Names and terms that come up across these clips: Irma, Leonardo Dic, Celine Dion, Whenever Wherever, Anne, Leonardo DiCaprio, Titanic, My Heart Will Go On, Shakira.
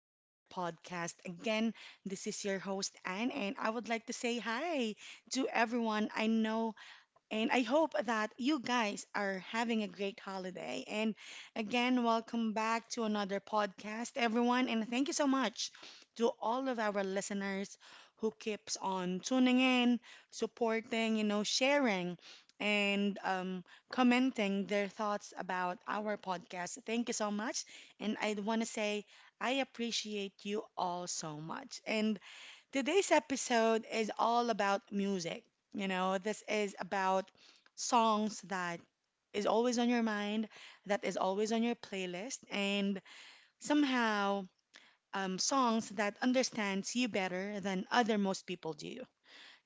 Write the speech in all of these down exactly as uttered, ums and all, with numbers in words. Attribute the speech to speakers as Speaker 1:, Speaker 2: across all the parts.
Speaker 1: another podcast. Again, this is your host, Anne, and I would like to say hi to everyone. I know, and I hope that you guys are having a great holiday. And again, welcome back to another podcast, everyone. And thank you so much to all of our listeners who keeps on tuning in, supporting, you know, sharing, and um, commenting their thoughts about our podcast. Thank you so much. And I want to say I appreciate you all so much. And today's episode is all about music. You know, this is about songs that is always on your mind, that is always on your playlist, and somehow um, songs that understands you better than other most people do.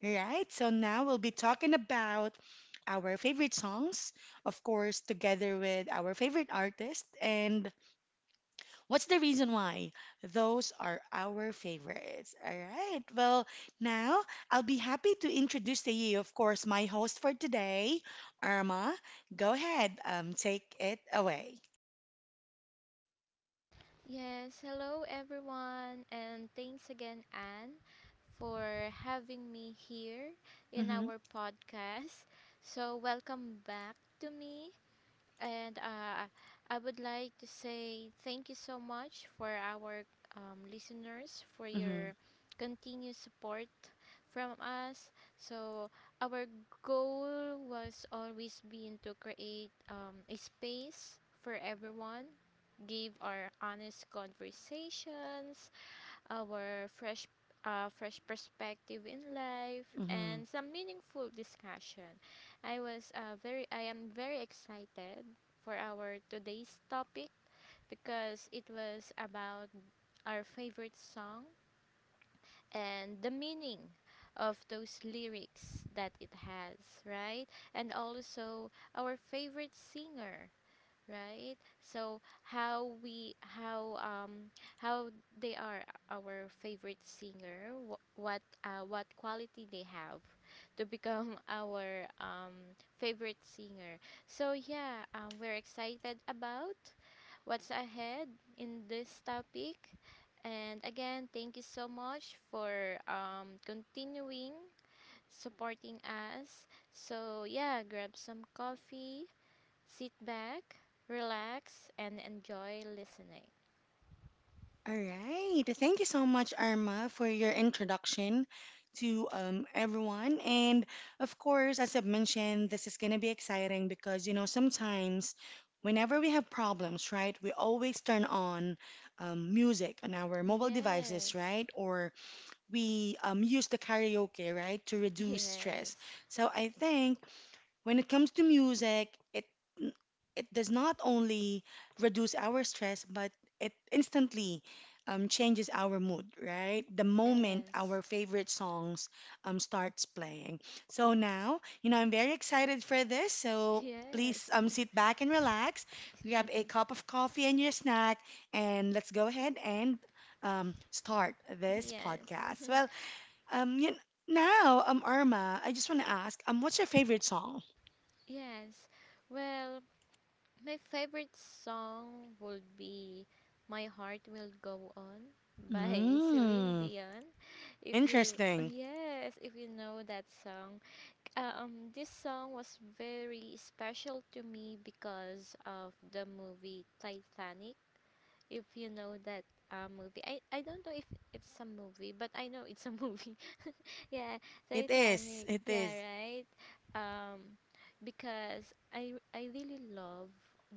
Speaker 1: Right? So now we'll be talking about our favorite songs, of course, together with our favorite artist and what's the reason why? Those are our favorites. All right. Well, now I'll be happy to introduce to you, of course, my host for today, Irma. Go ahead, um, take it away.
Speaker 2: Yes, hello everyone, and thanks again, Anne, for having me here in
Speaker 1: Mm-hmm.
Speaker 2: our podcast. So, welcome back to me. And uh, I would like to say thank you so much for our um, listeners for your continued support from us. So, our goal was always been to create um, a space for everyone, give our honest conversations, our fresh uh, fresh perspective in life
Speaker 1: Mm-hmm.
Speaker 2: and some meaningful discussion. I was uh, very I am very excited for our today's topic because it was about our favorite song and the meaning of those lyrics that it has, right? And also our favorite singer, right? So how we how um how they are our favorite singer, wh- what uh, what quality they have to become our um favorite singer. So yeah, um, we're excited about what's ahead in this topic, and again thank you so much for um continuing supporting us. So yeah, grab some coffee, sit back, relax, and enjoy listening.
Speaker 1: All right. Thank you so much, Arma, for your introduction to um, everyone. And of course, as I've mentioned, this is going to be exciting because, you know, sometimes whenever we have problems, right, we always turn on um, music on our mobile devices,
Speaker 2: Yes,
Speaker 1: right? Or we um, use the karaoke, right, to reduce
Speaker 2: yes,
Speaker 1: stress. So I think when it comes to music, it it does not only reduce our stress, but it instantly um, changes our mood, right? The moment
Speaker 2: yes,
Speaker 1: our favorite songs um, starts playing. So now, you know, I'm very excited for this. So
Speaker 2: yes,
Speaker 1: please um, sit back and relax, grab a cup of coffee and your snack, and let's go ahead and um, start this
Speaker 2: yes,
Speaker 1: podcast. Well, um, you now, um, Irma, I just want to ask, um, what's your favorite song?
Speaker 2: yes. Well, my favorite song would be My Heart Will Go On by Celine
Speaker 1: Mm,
Speaker 2: Dion. If you
Speaker 1: interesting.
Speaker 2: Yes, if you know that song. Uh, Um this song was very special to me because of the movie Titanic, if you know that uh, movie. I, I don't know if it's a movie, but I know it's a movie. Yeah,
Speaker 1: It is.
Speaker 2: Titanic.
Speaker 1: It
Speaker 2: Yeah,
Speaker 1: is.
Speaker 2: right. Um, because I I really love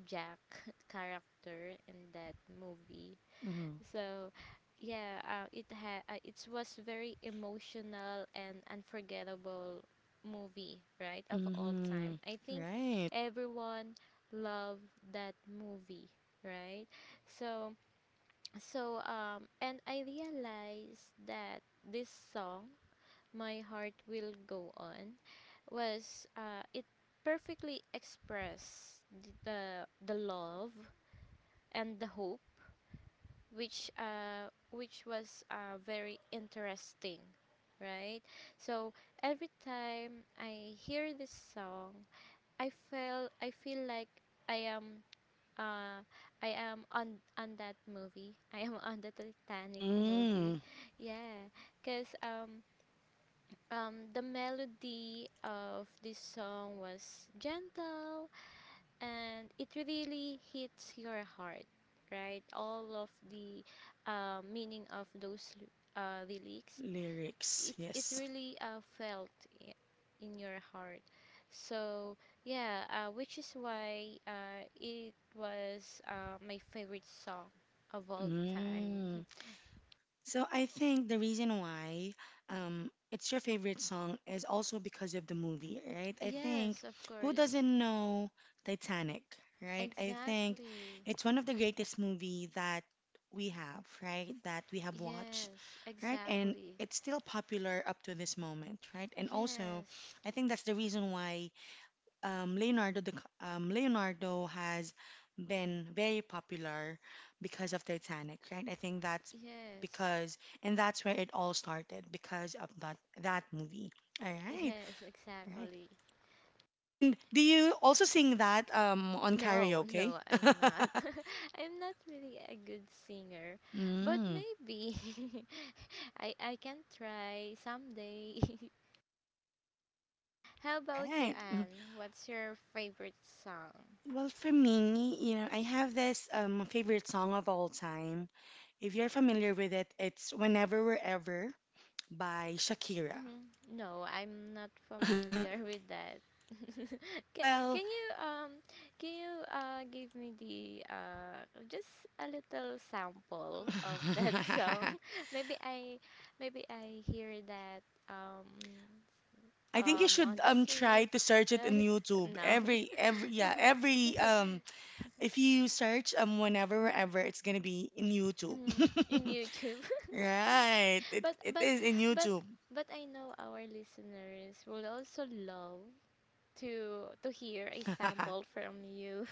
Speaker 2: Jack character in that movie.
Speaker 1: Mm-hmm.
Speaker 2: So, yeah, uh, it ha uh, it was very emotional and unforgettable movie, right? Of all
Speaker 1: Mm-hmm.
Speaker 2: time. I think
Speaker 1: Right.
Speaker 2: everyone loved that movie, right? So. So, um, and I realized that this song, My Heart Will Go On, was, uh, it perfectly expressed the, the, the love and the hope, which, uh, which was uh, very interesting, right? So, every time I hear this song, I feel, I feel like I am uh, I am on on that movie. I am on the Titanic movie.
Speaker 1: Mm.
Speaker 2: Yeah, cause um um the melody of this song was gentle and it really hits your heart, right? All of the uh, meaning of those l- uh, lyrics,
Speaker 1: Lyrics.
Speaker 2: it it
Speaker 1: Yes.
Speaker 2: really uh, felt i- in your heart. So yeah, uh, which is why uh, it was uh, my favorite song of all time.
Speaker 1: Mm. So I think the reason why um, it's your favorite song is also because of the movie, right? I think
Speaker 2: Yes, of
Speaker 1: who
Speaker 2: course.
Speaker 1: doesn't know Titanic, right? I think
Speaker 2: Exactly.
Speaker 1: it's one of the greatest movie that we have, right? That we have watched,
Speaker 2: Yes,
Speaker 1: right? And
Speaker 2: exactly.
Speaker 1: it's still popular up to this moment, right? And also,
Speaker 2: Yes.
Speaker 1: I think that's the reason why um, Leonardo Dic- um, Leonardo has been very popular because of Titanic, right? I think that's
Speaker 2: Yes.
Speaker 1: because, and that's where it all started because of that that movie. All right,
Speaker 2: Yes,
Speaker 1: all right.
Speaker 2: exactly.
Speaker 1: And do you also sing that um, on
Speaker 2: No,
Speaker 1: karaoke?
Speaker 2: no, I'm not. I'm not really a good singer, but
Speaker 1: Mm,
Speaker 2: maybe I I can try someday. How about you,
Speaker 1: right. Mm.
Speaker 2: Anne? What's your favorite song?
Speaker 1: Well, for me, you know, I have this um favorite song of all time. If you're familiar with it, it's Whenever Wherever by Shakira.
Speaker 2: Mhm. No, I'm not familiar with that. can,
Speaker 1: Well,
Speaker 2: can you um can you uh give me the uh just a little sample of that song? maybe I maybe I hear that um
Speaker 1: I think you
Speaker 2: um
Speaker 1: should
Speaker 2: on the
Speaker 1: um try to
Speaker 2: streets,
Speaker 1: search it in
Speaker 2: right?
Speaker 1: YouTube.
Speaker 2: No.
Speaker 1: Every every yeah, every um if you search um whenever wherever, it's gonna be in YouTube.
Speaker 2: Mhm, in YouTube.
Speaker 1: Right. It
Speaker 2: but
Speaker 1: it
Speaker 2: but
Speaker 1: is in
Speaker 2: but
Speaker 1: YouTube.
Speaker 2: but I know our listeners will also love to to hear a
Speaker 1: All
Speaker 2: sample from you.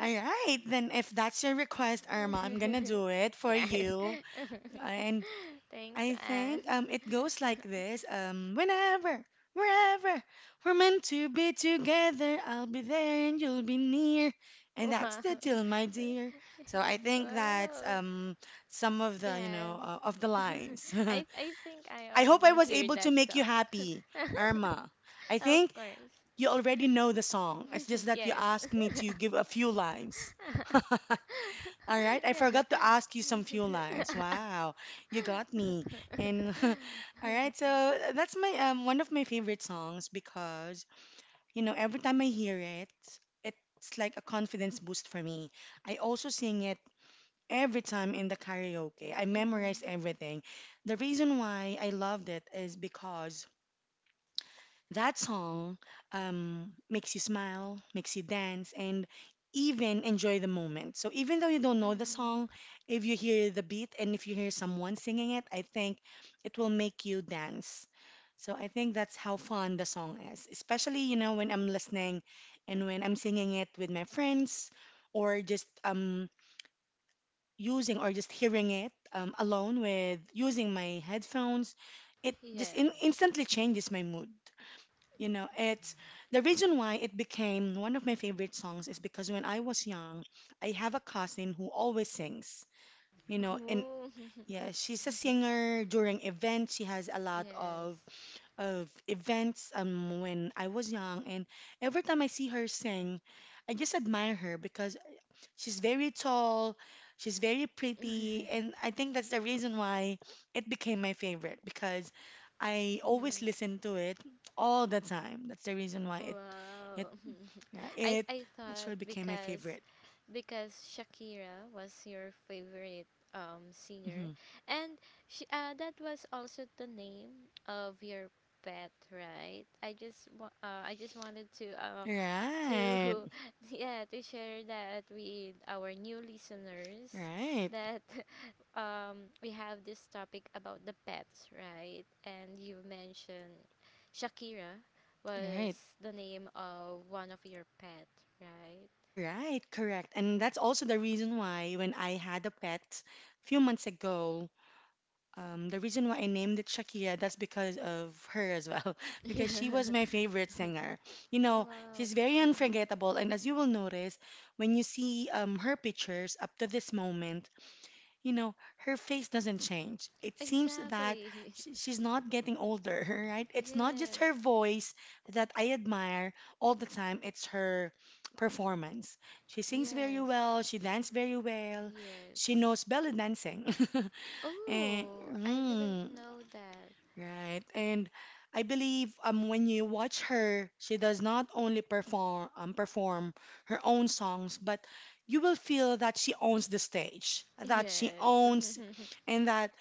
Speaker 1: right, then if that's your request, Irma, I'm gonna do it for
Speaker 2: Yeah.
Speaker 1: you. And
Speaker 2: Thanks,
Speaker 1: I
Speaker 2: Anne.
Speaker 1: think um it goes like this. Um whenever, wherever we're meant to be together, I'll be there and you'll be near. And that's
Speaker 2: Wow.
Speaker 1: the deal, my dear. So I think that's
Speaker 2: Wow.
Speaker 1: um some of the, you
Speaker 2: Yes.
Speaker 1: know, uh, of the lines.
Speaker 2: i i think I
Speaker 1: I hope I
Speaker 2: already
Speaker 1: was
Speaker 2: hear
Speaker 1: able to
Speaker 2: that
Speaker 1: make you
Speaker 2: song.
Speaker 1: happy, Irma. I
Speaker 2: Of
Speaker 1: think
Speaker 2: course.
Speaker 1: you already know the song. It's just that you
Speaker 2: Yes.
Speaker 1: asked me to give a few lines. All right, I
Speaker 2: Yeah.
Speaker 1: forgot to ask you some few lines. Wow, you got me. And all right, so uh, that's my um one of my favorite songs because you know every time I hear it, it's like a confidence boost for me. I also sing it every time in the karaoke. I memorize
Speaker 2: Mm,
Speaker 1: everything. The reason why I loved it is because that song um, makes you smile, makes you dance, and even enjoy the moment. So even though you don't know the song,
Speaker 2: mm,
Speaker 1: if you hear the beat and if you hear someone singing it, I think it will make you dance. So I think that's how fun the song is, especially you know when I'm listening and when I'm singing it with my friends or just um using or just hearing it um, alone with using my headphones, it just in
Speaker 2: yes.
Speaker 1: instantly changes my mood. You know, it's the reason why it became one of my favorite songs is because when I was young, I have a cousin who always sings. You know, and
Speaker 2: Ooh,
Speaker 1: yeah, she's a singer during events. She has a lot
Speaker 2: yes.
Speaker 1: of of events um when I was young, and every time I see her sing, I just admire her because she's very tall, she's very pretty, and I think that's the reason why it became my favorite because I always
Speaker 2: Mm,
Speaker 1: listen to it all the time. That's the reason why it it
Speaker 2: wow.
Speaker 1: yeah,
Speaker 2: I
Speaker 1: it
Speaker 2: I thought
Speaker 1: actually became my
Speaker 2: because
Speaker 1: favorite.
Speaker 2: because Shakira was your favorite um singer,
Speaker 1: Hmm.
Speaker 2: and she uh that was also the name of your pet, right? I just wa- uh I just wanted to uh to
Speaker 1: Right.
Speaker 2: yeah to share that with our new listeners
Speaker 1: Right.
Speaker 2: that um we have this topic about the pets, right? And you mentioned Shakira
Speaker 1: Right.
Speaker 2: was the name of one of your pet, right?
Speaker 1: Right, correct. And that's also the reason why when I had a pet a few months ago, um, the reason why I named it Shakira, that's because of her as well, because she was my favorite singer. You know,
Speaker 2: Wow.
Speaker 1: she's very
Speaker 2: Hmm.
Speaker 1: unforgettable, and as you will notice, when you see um, her pictures up to this moment, you know, her face doesn't change. It seems that
Speaker 2: Exactly.
Speaker 1: sh she's not getting older, right? It's not just
Speaker 2: Yes.
Speaker 1: her voice that I admire all the time, it's her performance. She sings very
Speaker 2: Yes.
Speaker 1: well, she dances very well, she
Speaker 2: Yes.
Speaker 1: knows belly dancing. And,
Speaker 2: Oh, I didn't
Speaker 1: mm,
Speaker 2: know that.
Speaker 1: right. And I believe um when you watch her, she does not only perform um perform her own songs, but you will feel that she owns the stage, that she
Speaker 2: Yes.
Speaker 1: owns, and that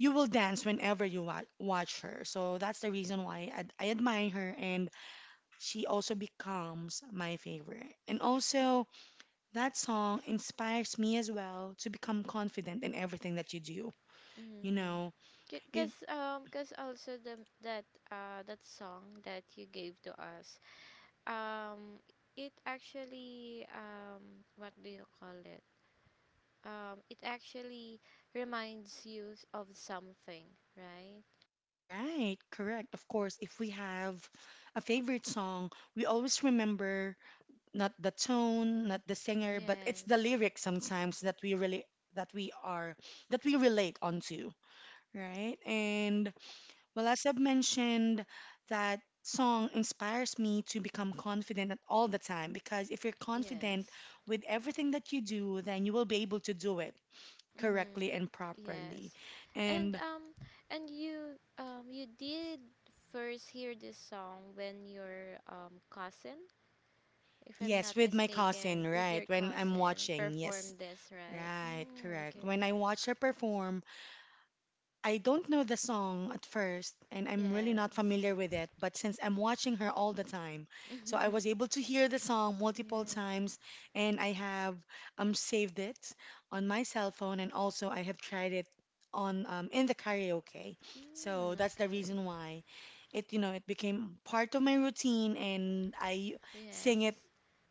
Speaker 1: you will dance whenever you wa watch her. So that's the reason why I, ad- I admire her, and she also becomes my favorite. And also, that song inspires me as well to become confident in everything that you do. You
Speaker 2: Mm.
Speaker 1: know,
Speaker 2: Because um, cause also the that uh that song that you gave to us, um, it actually, um, what do you call it? Um, it actually reminds you s- of something, right?
Speaker 1: right, correct. Of course, if we have a favorite song, we always remember not the tone, not the singer, but it's the
Speaker 2: Yes,
Speaker 1: lyrics sometimes that we really that we are that we relate onto, right? And well, as I've mentioned, that song inspires me to become confident at all the time because if you're confident
Speaker 2: yes,
Speaker 1: with everything that you do, then you will be able to do it
Speaker 2: mm-hmm.
Speaker 1: correctly and properly.
Speaker 2: Yes, and
Speaker 1: And
Speaker 2: um, and you, um, you did first hear this song when your um cousin, if I'm
Speaker 1: yes,
Speaker 2: not
Speaker 1: with my cousin,
Speaker 2: mistaken, with
Speaker 1: right?
Speaker 2: your
Speaker 1: When I'm
Speaker 2: cousin
Speaker 1: watching, yes.
Speaker 2: perform this, right?
Speaker 1: Right,
Speaker 2: Mm,
Speaker 1: correct.
Speaker 2: okay.
Speaker 1: When I watch her perform, I don't know the song at first, and I'm really not
Speaker 2: Yes.
Speaker 1: familiar with it. But since I'm watching her all the time, so I was able to hear the song multiple
Speaker 2: Yeah.
Speaker 1: times, and I have um saved it on my cell phone, and also I have tried it on um in the karaoke.
Speaker 2: Mm,
Speaker 1: So that's the
Speaker 2: okay.
Speaker 1: reason why it, you know, it became part of my routine, and I sing it
Speaker 2: Yes.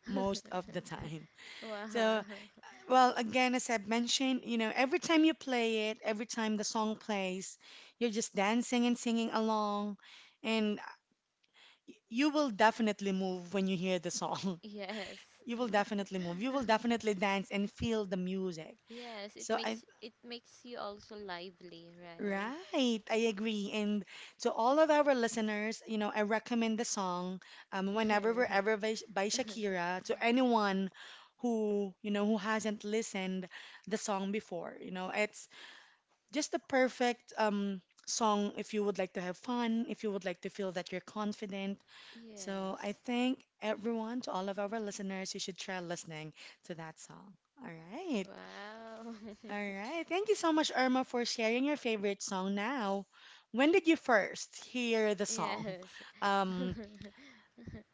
Speaker 1: most of the time.
Speaker 2: Wow.
Speaker 1: So, well, again, as I've mentioned, you know, every time you play it, every time the song plays, you're just dancing and singing along, and you will definitely move when you hear the song.
Speaker 2: Yes.
Speaker 1: You will definitely move. You will definitely dance and feel the music.
Speaker 2: Yes, it
Speaker 1: So I,
Speaker 2: makes, it makes you also lively, right?
Speaker 1: right, I agree. And to all of our listeners, you know, I recommend the song um, Whenever We're Ever by, by Shakira to anyone who, you know, who hasn't listened the song before. You know, it's just the perfect um song if you would like to have fun, if you would like to feel that you're confident. So I
Speaker 2: Yes.
Speaker 1: think everyone, to all of our listeners, you should try listening to that song. All right.
Speaker 2: Wow.
Speaker 1: All right. Thank you so much, Irma, for sharing your favorite song now. When did you first hear the song?
Speaker 2: Yes.
Speaker 1: Um,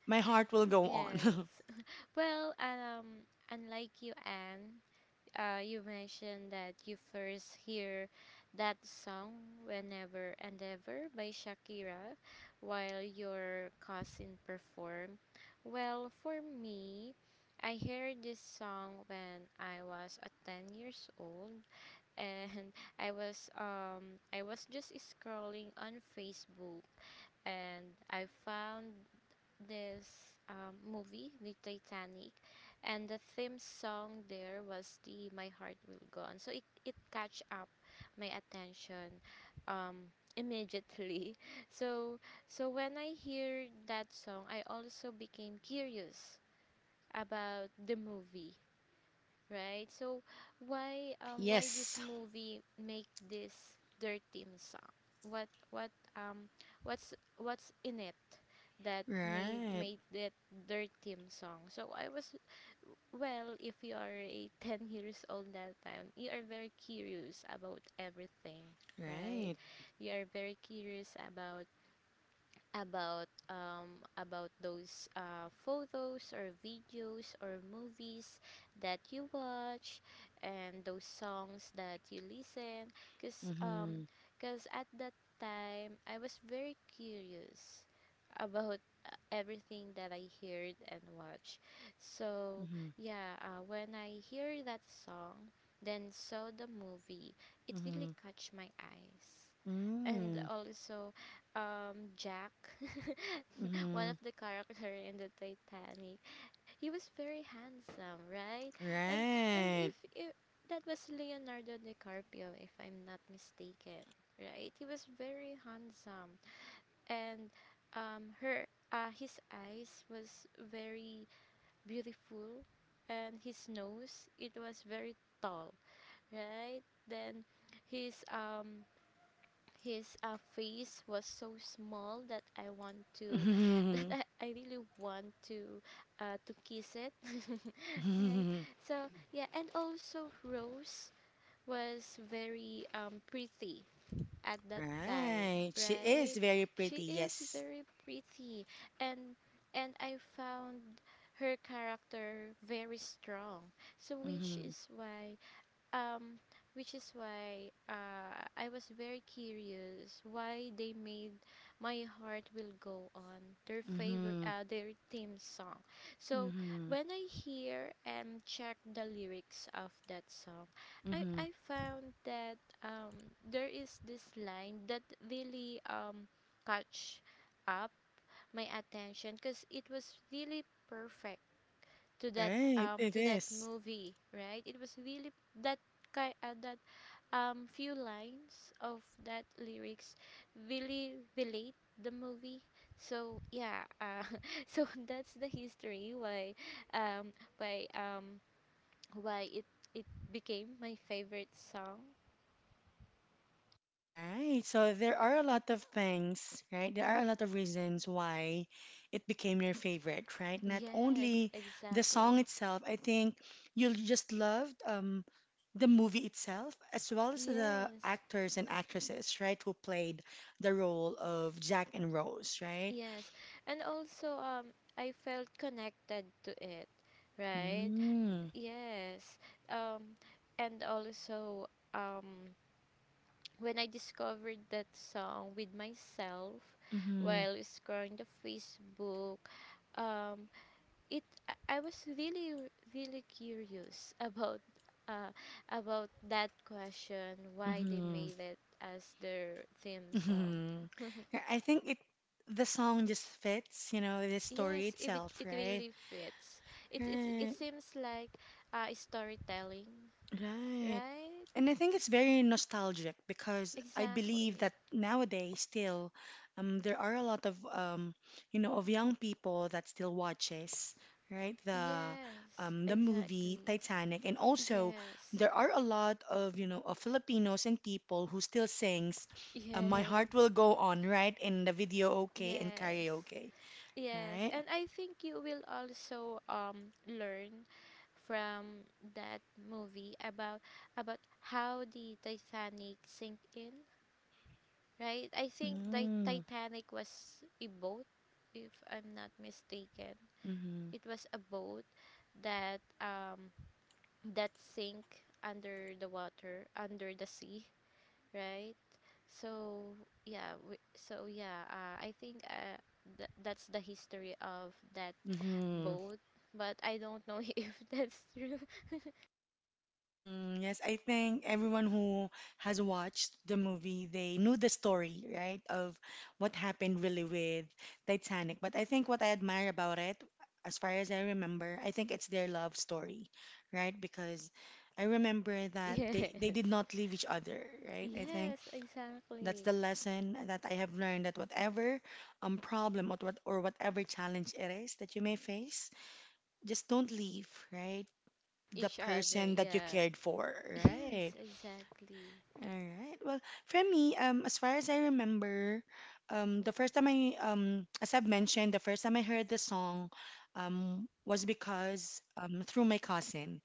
Speaker 1: My Heart Will Go On.
Speaker 2: Yes. Well, um, unlike you, Anne, uh, you mentioned that you first hear that song Whenever and Ever by Shakira while your cousin performed. Well, for me, I heard this song when I was at ten years old, and I was um I was just scrolling on Facebook, and I found this um, movie, the Titanic, and the theme song there was the "My Heart Will Go On." So it it catch up my attention, um, immediately. So so when I hear that song, I also became curious about the movie, right? So why um why this
Speaker 1: Yes.
Speaker 2: movie make this their theme song? What what um what's what's in it that made
Speaker 1: Right.
Speaker 2: made that their theme song? So I was, well, if you are a ten years old that time, you are very curious about everything, right?
Speaker 1: Right.
Speaker 2: You are very curious about about um, about those uh, photos or videos or movies that you watch and those songs that you listen, because um,
Speaker 1: Mm-hmm.
Speaker 2: cause at that time I was very curious about uh, everything that I heard and watched. So
Speaker 1: Mm-hmm.
Speaker 2: yeah, uh, when I hear that song, then saw the movie, it really catch my eyes. And
Speaker 1: Mm-hmm.
Speaker 2: also, um Jack, one
Speaker 1: Mm-hmm.
Speaker 2: of the character in the Titanic. He was very handsome, right? And and
Speaker 1: Right.
Speaker 2: if, if that was Leonardo DiCaprio, if I'm not mistaken, right? He was very handsome, and um her uh his eyes was very beautiful, and his nose, it was very tall, right? Then his um his uh, face was so small that I want to that
Speaker 1: Mhm.
Speaker 2: I, I really want to uh, to kiss it. Right.
Speaker 1: Mhm.
Speaker 2: So yeah, and also Rose was very um, pretty at that time,
Speaker 1: Right. She is
Speaker 2: right?
Speaker 1: very pretty,
Speaker 2: She is
Speaker 1: yes.
Speaker 2: very pretty, and and I found her character very strong. So which
Speaker 1: Mhm.
Speaker 2: is why um which is why uh I was very curious why they made My Heart Will Go On their favorite
Speaker 1: Mhm.
Speaker 2: uh, their theme song. So
Speaker 1: Mhm.
Speaker 2: when I hear and check the lyrics of that song, I
Speaker 1: Mhm.
Speaker 2: I found that um there is this line that really um catch up my attention because it was really perfect to that
Speaker 1: Right,
Speaker 2: um
Speaker 1: it
Speaker 2: to that
Speaker 1: is.
Speaker 2: movie, right? It was really that kind uh, that um few lines of that lyrics really relate the movie. So yeah, uh, so that's the history why um why um why it it became my favorite song.
Speaker 1: Right. So there are a lot of things, right? There are a lot of reasons why it became your favorite, right? Not
Speaker 2: Yes,
Speaker 1: only the song
Speaker 2: exactly.
Speaker 1: itself, I think you just loved um the movie itself as well as the
Speaker 2: Yes.
Speaker 1: actors and actresses, right, who played the role of Jack and Rose, right?
Speaker 2: Yes. And also, um I felt connected to it, right?
Speaker 1: Mm.
Speaker 2: Yes. Um, and also, um, when I discovered that song with myself
Speaker 1: Mm-hmm.
Speaker 2: while scrolling the Facebook, um, it I I was really, really curious about uh, about that question, why they
Speaker 1: Hmm.
Speaker 2: made it as their theme song.
Speaker 1: Mm-hmm. I think it the song just fits, you know, the story
Speaker 2: Yes, if it,
Speaker 1: itself,
Speaker 2: it
Speaker 1: right?
Speaker 2: really fits. It, it, it
Speaker 1: Right,
Speaker 2: seems like uh, storytelling,
Speaker 1: right.
Speaker 2: right?
Speaker 1: And I think it's very nostalgic because I believe
Speaker 2: Exactly.
Speaker 1: that nowadays still um, there are a lot of um, you know of young people that still watches right the
Speaker 2: Yes,
Speaker 1: um, the movie
Speaker 2: exactly.
Speaker 1: Titanic and also
Speaker 2: Yes.
Speaker 1: there are a lot of you know of Filipinos and people who still sings uh, My
Speaker 2: Yes.
Speaker 1: Heart Will Go On right in the video okay and
Speaker 2: Yes.
Speaker 1: karaoke
Speaker 2: Yes.
Speaker 1: right.
Speaker 2: And I think you will also um learn from that movie about about how the Titanic sank in, right? I think the
Speaker 1: Mm.
Speaker 2: Titanic was a boat, if I'm not mistaken.
Speaker 1: Mm-hmm.
Speaker 2: It was a boat that um that sink under the water, under the sea. Right? So yeah, we, so yeah, uh, I think uh, th- that's the history of that
Speaker 1: Mm-hmm.
Speaker 2: boat, but I don't know if that's true.
Speaker 1: Mhm, yes, I think everyone who has watched the movie, they knew the story, right, of what happened really with Titanic. But I think what I admire about it, as far as I remember, I think it's their love story, right? Because I remember that they, they did
Speaker 2: Yes,
Speaker 1: not leave each other, right? I think
Speaker 2: yes,
Speaker 1: that's
Speaker 2: exactly.
Speaker 1: the lesson that I have learned, that whatever um problem or what or whatever challenge it is that you may face, just don't leave, right? The
Speaker 2: Each other,
Speaker 1: person that you
Speaker 2: yeah.
Speaker 1: cared for, right?
Speaker 2: Yes, exactly.
Speaker 1: All right. Well, for me, um, as far as I remember, um, the first time I, um, as I've mentioned, the first time I heard the song, um, was because um, through my cousin.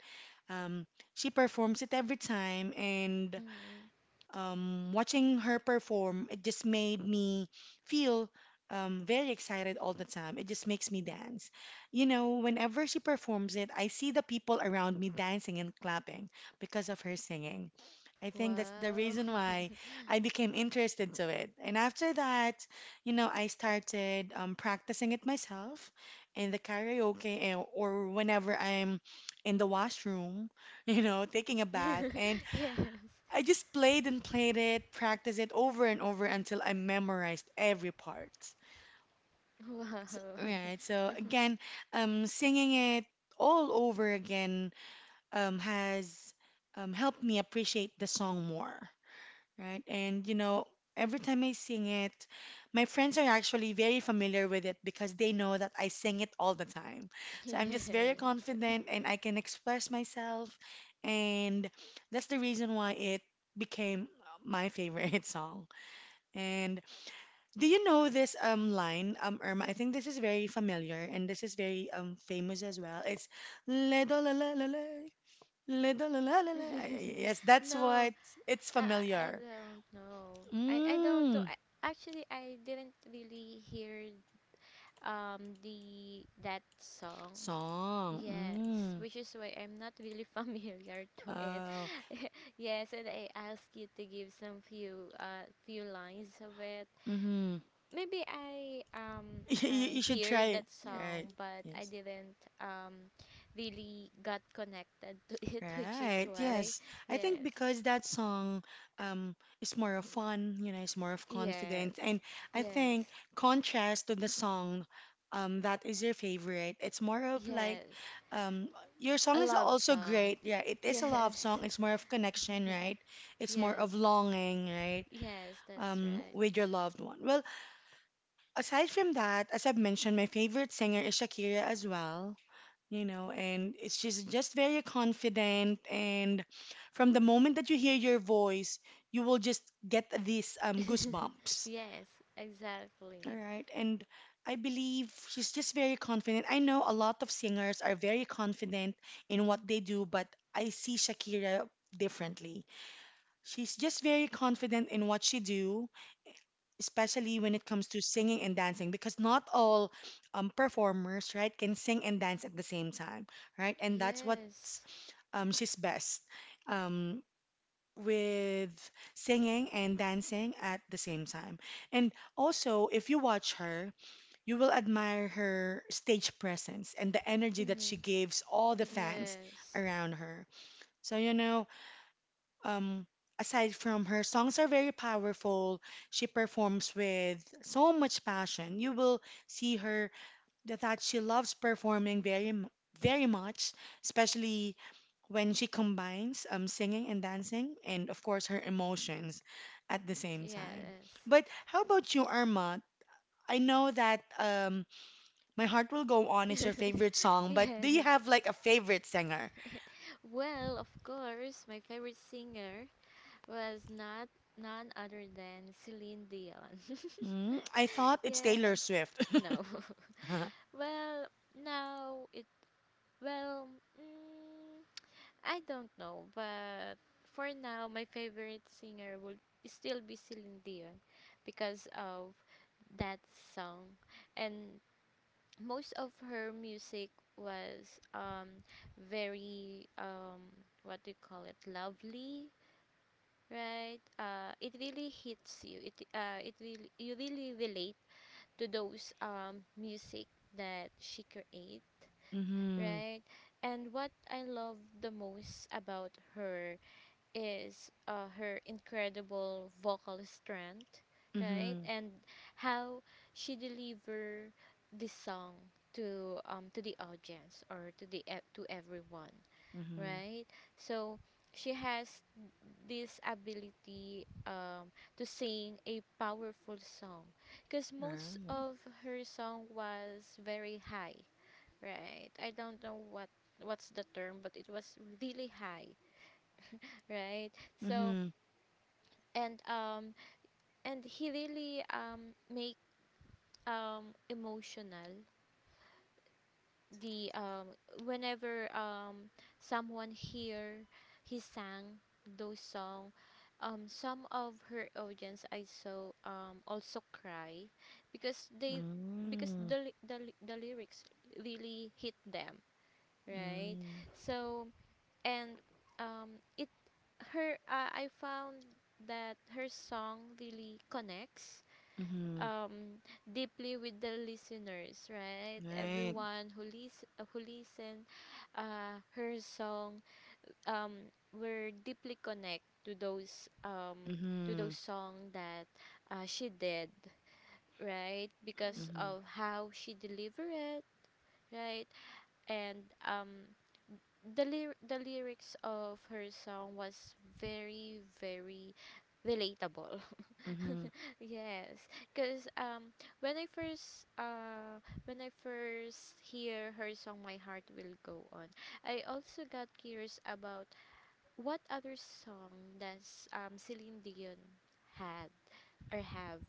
Speaker 1: Um, she performs it every time, and
Speaker 2: Mm.
Speaker 1: um, watching her perform, it just made me feel um, very excited all the time. It just makes me dance. You know, whenever she performs it, I see the people around me dancing and clapping because of her singing. I think that's the
Speaker 2: Wow.
Speaker 1: reason why I became interested to it. And after that, you know, I started um, practicing it myself in the karaoke eh, or whenever I'm in the washroom, you know, taking a bath. And
Speaker 2: Yes.
Speaker 1: I just played and played it, practiced it over and over until I memorized every part. So,
Speaker 2: Wow.
Speaker 1: right. So again, um, singing it all over again um, has um, helped me appreciate the song more, right? And you know, every time I sing it, my friends are actually very familiar with it because they know that I sing it all the time. So I'm just very
Speaker 2: Yes.
Speaker 1: confident and I can express myself, and that's the reason why it became my favorite song. And do you know this um line, um Irma? I think this is very familiar and this is very um famous as well. It's le do la la la la. Le do la la la la. I- Yes, that's
Speaker 2: No,
Speaker 1: what, it's
Speaker 2: I I I
Speaker 1: familiar.
Speaker 2: don't know. I I don't know.
Speaker 1: Mm.
Speaker 2: I, actually I didn't really hear um the that song.
Speaker 1: Song.
Speaker 2: Yes,
Speaker 1: Mm.
Speaker 2: which is why I'm not really familiar to it.
Speaker 1: Oh.
Speaker 2: Yes, and I asked you to give some few uh few lines of it.
Speaker 1: Mm-hmm.
Speaker 2: Maybe I um
Speaker 1: You,
Speaker 2: I
Speaker 1: you should
Speaker 2: hear
Speaker 1: try it.
Speaker 2: that
Speaker 1: Right.
Speaker 2: song, but I
Speaker 1: Yes.
Speaker 2: didn't um really got connected to it, which is
Speaker 1: Right.
Speaker 2: why
Speaker 1: Yes. I think
Speaker 2: yes,
Speaker 1: because that song um is more of fun, you know, it's more of
Speaker 2: yes,
Speaker 1: confidence. And I
Speaker 2: yes.
Speaker 1: think contrast to the song um that is your favorite, it's more of like
Speaker 2: Yes.
Speaker 1: um your
Speaker 2: A
Speaker 1: song is
Speaker 2: love
Speaker 1: also
Speaker 2: song.
Speaker 1: great. Yeah, it is a love song.
Speaker 2: Yes.
Speaker 1: It's more of connection, right? It's more of
Speaker 2: Yes.
Speaker 1: longing, right?
Speaker 2: Yes, that's
Speaker 1: Um,
Speaker 2: right.
Speaker 1: with your loved one. Well, aside from that, as I've mentioned, my favorite singer is Shakira as well. You know, and it's, she's just very confident. And from the moment that you hear your voice, you will just get these um, goosebumps.
Speaker 2: Yes,
Speaker 1: All
Speaker 2: exactly.
Speaker 1: right. And I believe she's just very confident. I know a lot of singers are very confident in what they do, but I see Shakira differently. She's just very confident in what she do, especially when it comes to singing and dancing, because not all um, performers, right, can sing and dance at the same time, right? And that's what
Speaker 2: Yes.
Speaker 1: um, she's best um, with, singing and dancing at the same time. And also, if you watch her, you will admire her stage presence and the energy that
Speaker 2: Mm-hmm.
Speaker 1: she gives all the fans
Speaker 2: Yes.
Speaker 1: around her. So, you know, um, aside from her songs are very powerful, she performs with so much passion. You will see her that that she loves performing very m- very much, especially when she combines um, singing and dancing, and of course her emotions at the same time.
Speaker 2: Yes.
Speaker 1: But how about you, Irma? I know that um, My Heart Will Go On is your favorite song, but do you
Speaker 2: Yes.
Speaker 1: have like a favorite singer?
Speaker 2: Well, of course, my favorite singer was not none other than Celine Dion.
Speaker 1: Mm, I thought it's Taylor
Speaker 2: Yes.
Speaker 1: Swift.
Speaker 2: No. well, now it well, mm, I don't know, but for now, my favorite singer will still be Celine Dion because of that song, and most of her music was um very um, what do you call it, lovely, right? Uh it really hits you, it uh it really, you really relate to those um music that she create,
Speaker 1: Hmm.
Speaker 2: right? And what I love the most about her is uh, her incredible vocal strength, right?
Speaker 1: Mhm.
Speaker 2: And how she deliver the song to um to the audience or to the e- to everyone,
Speaker 1: Mhm.
Speaker 2: right? So she has this ability um to sing a powerful song because most
Speaker 1: Right.
Speaker 2: of her song was very high, right? I don't know what what's the term, but it was really high, right? so
Speaker 1: Mhm.
Speaker 2: and um and he really um make um emotional, the um whenever um someone hear he sang those song, um some of her audience I saw um also cry because they because
Speaker 1: Mm.
Speaker 2: the ly- the, ly- the lyrics really hit them, right?
Speaker 1: Mm.
Speaker 2: So and um it her uh, I found that her song really connects
Speaker 1: Mhm.
Speaker 2: um deeply with the listeners, right?
Speaker 1: Right.
Speaker 2: Everyone who listen who listen uh her song um were deeply connect to those, um to
Speaker 1: Mhm.
Speaker 2: those song that uh, she did, right? Because
Speaker 1: Mhm.
Speaker 2: of how she delivered it, right? And um the ly- the lyrics of her song was very very relatable.
Speaker 1: Mhm.
Speaker 2: Yes, because um when I first uh when i first hear her song My Heart Will Go On, I also got curious about what other song does um Celine Dion had or have.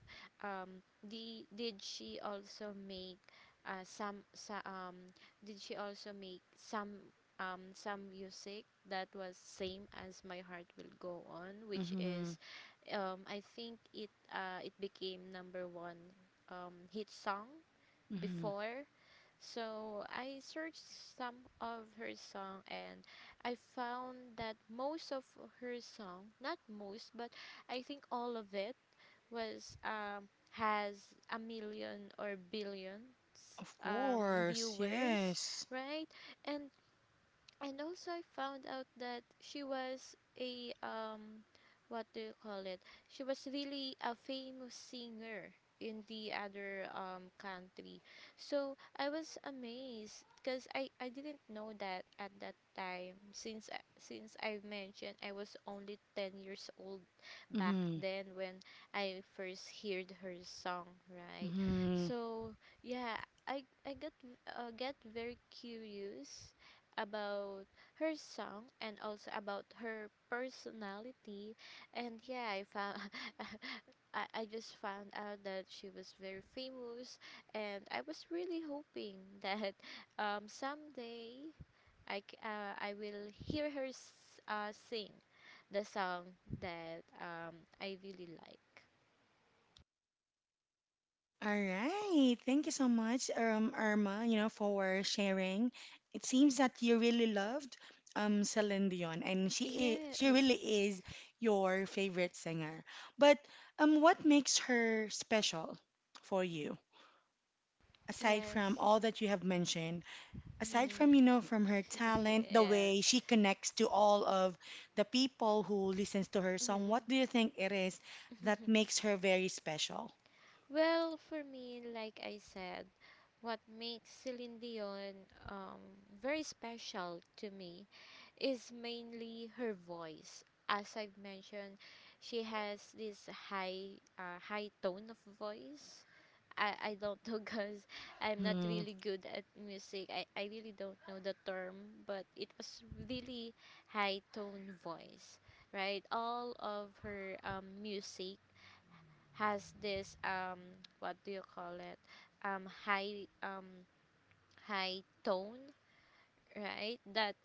Speaker 2: Um the did she also make uh some, sa um did she also make some, um some music that was same as My Heart Will Go On, which
Speaker 1: Mhm.
Speaker 2: is, um I think it uh it became number one um hit song
Speaker 1: Mhm.
Speaker 2: before. So I searched some of her song, and I found that most of her song, not most, but I think all of it was, um, has a million or billions
Speaker 1: Of
Speaker 2: um,
Speaker 1: course.
Speaker 2: viewers,
Speaker 1: Yes.
Speaker 2: right? And and also I found out that she was a, um what do you call it? She was really a famous singer in the other um country. So I was amazed because I I didn't know that at that time, since I- since I mentioned I was only ten years old back
Speaker 1: Mhm.
Speaker 2: then when I first heard her song, right?
Speaker 1: Mhm.
Speaker 2: So yeah, I I got uh, get very curious about her song and also about her personality. And yeah, I found I, I just found out that she was very famous, and I was really hoping that um, someday I c- uh, I will hear her s- uh, sing the song that, um, I really like.
Speaker 1: All right. Thank you so much, um, Irma, you know, for sharing. It seems that you really loved um Celine Dion and she i- she
Speaker 2: Yes,
Speaker 1: really is your favorite singer. But um what makes her special for you? Aside from
Speaker 2: yes,
Speaker 1: all that you have mentioned, aside
Speaker 2: mm,
Speaker 1: from, you know, from her talent, the
Speaker 2: yes.
Speaker 1: way she connects to all of the people who listens to her song, what
Speaker 2: Mm.
Speaker 1: do you think it is that makes her very special?
Speaker 2: Well, for me, like I said, what makes Celine Dion, um, very special to me is mainly her voice. As I've mentioned, she has this high, uh, high tone of voice. I, I don't know because I'm not
Speaker 1: Mm-hmm.
Speaker 2: really good at music. I, I really don't know the term, but it was really high tone voice, right? All of her, um, music has this um what do you call it um high, um high tone, right? That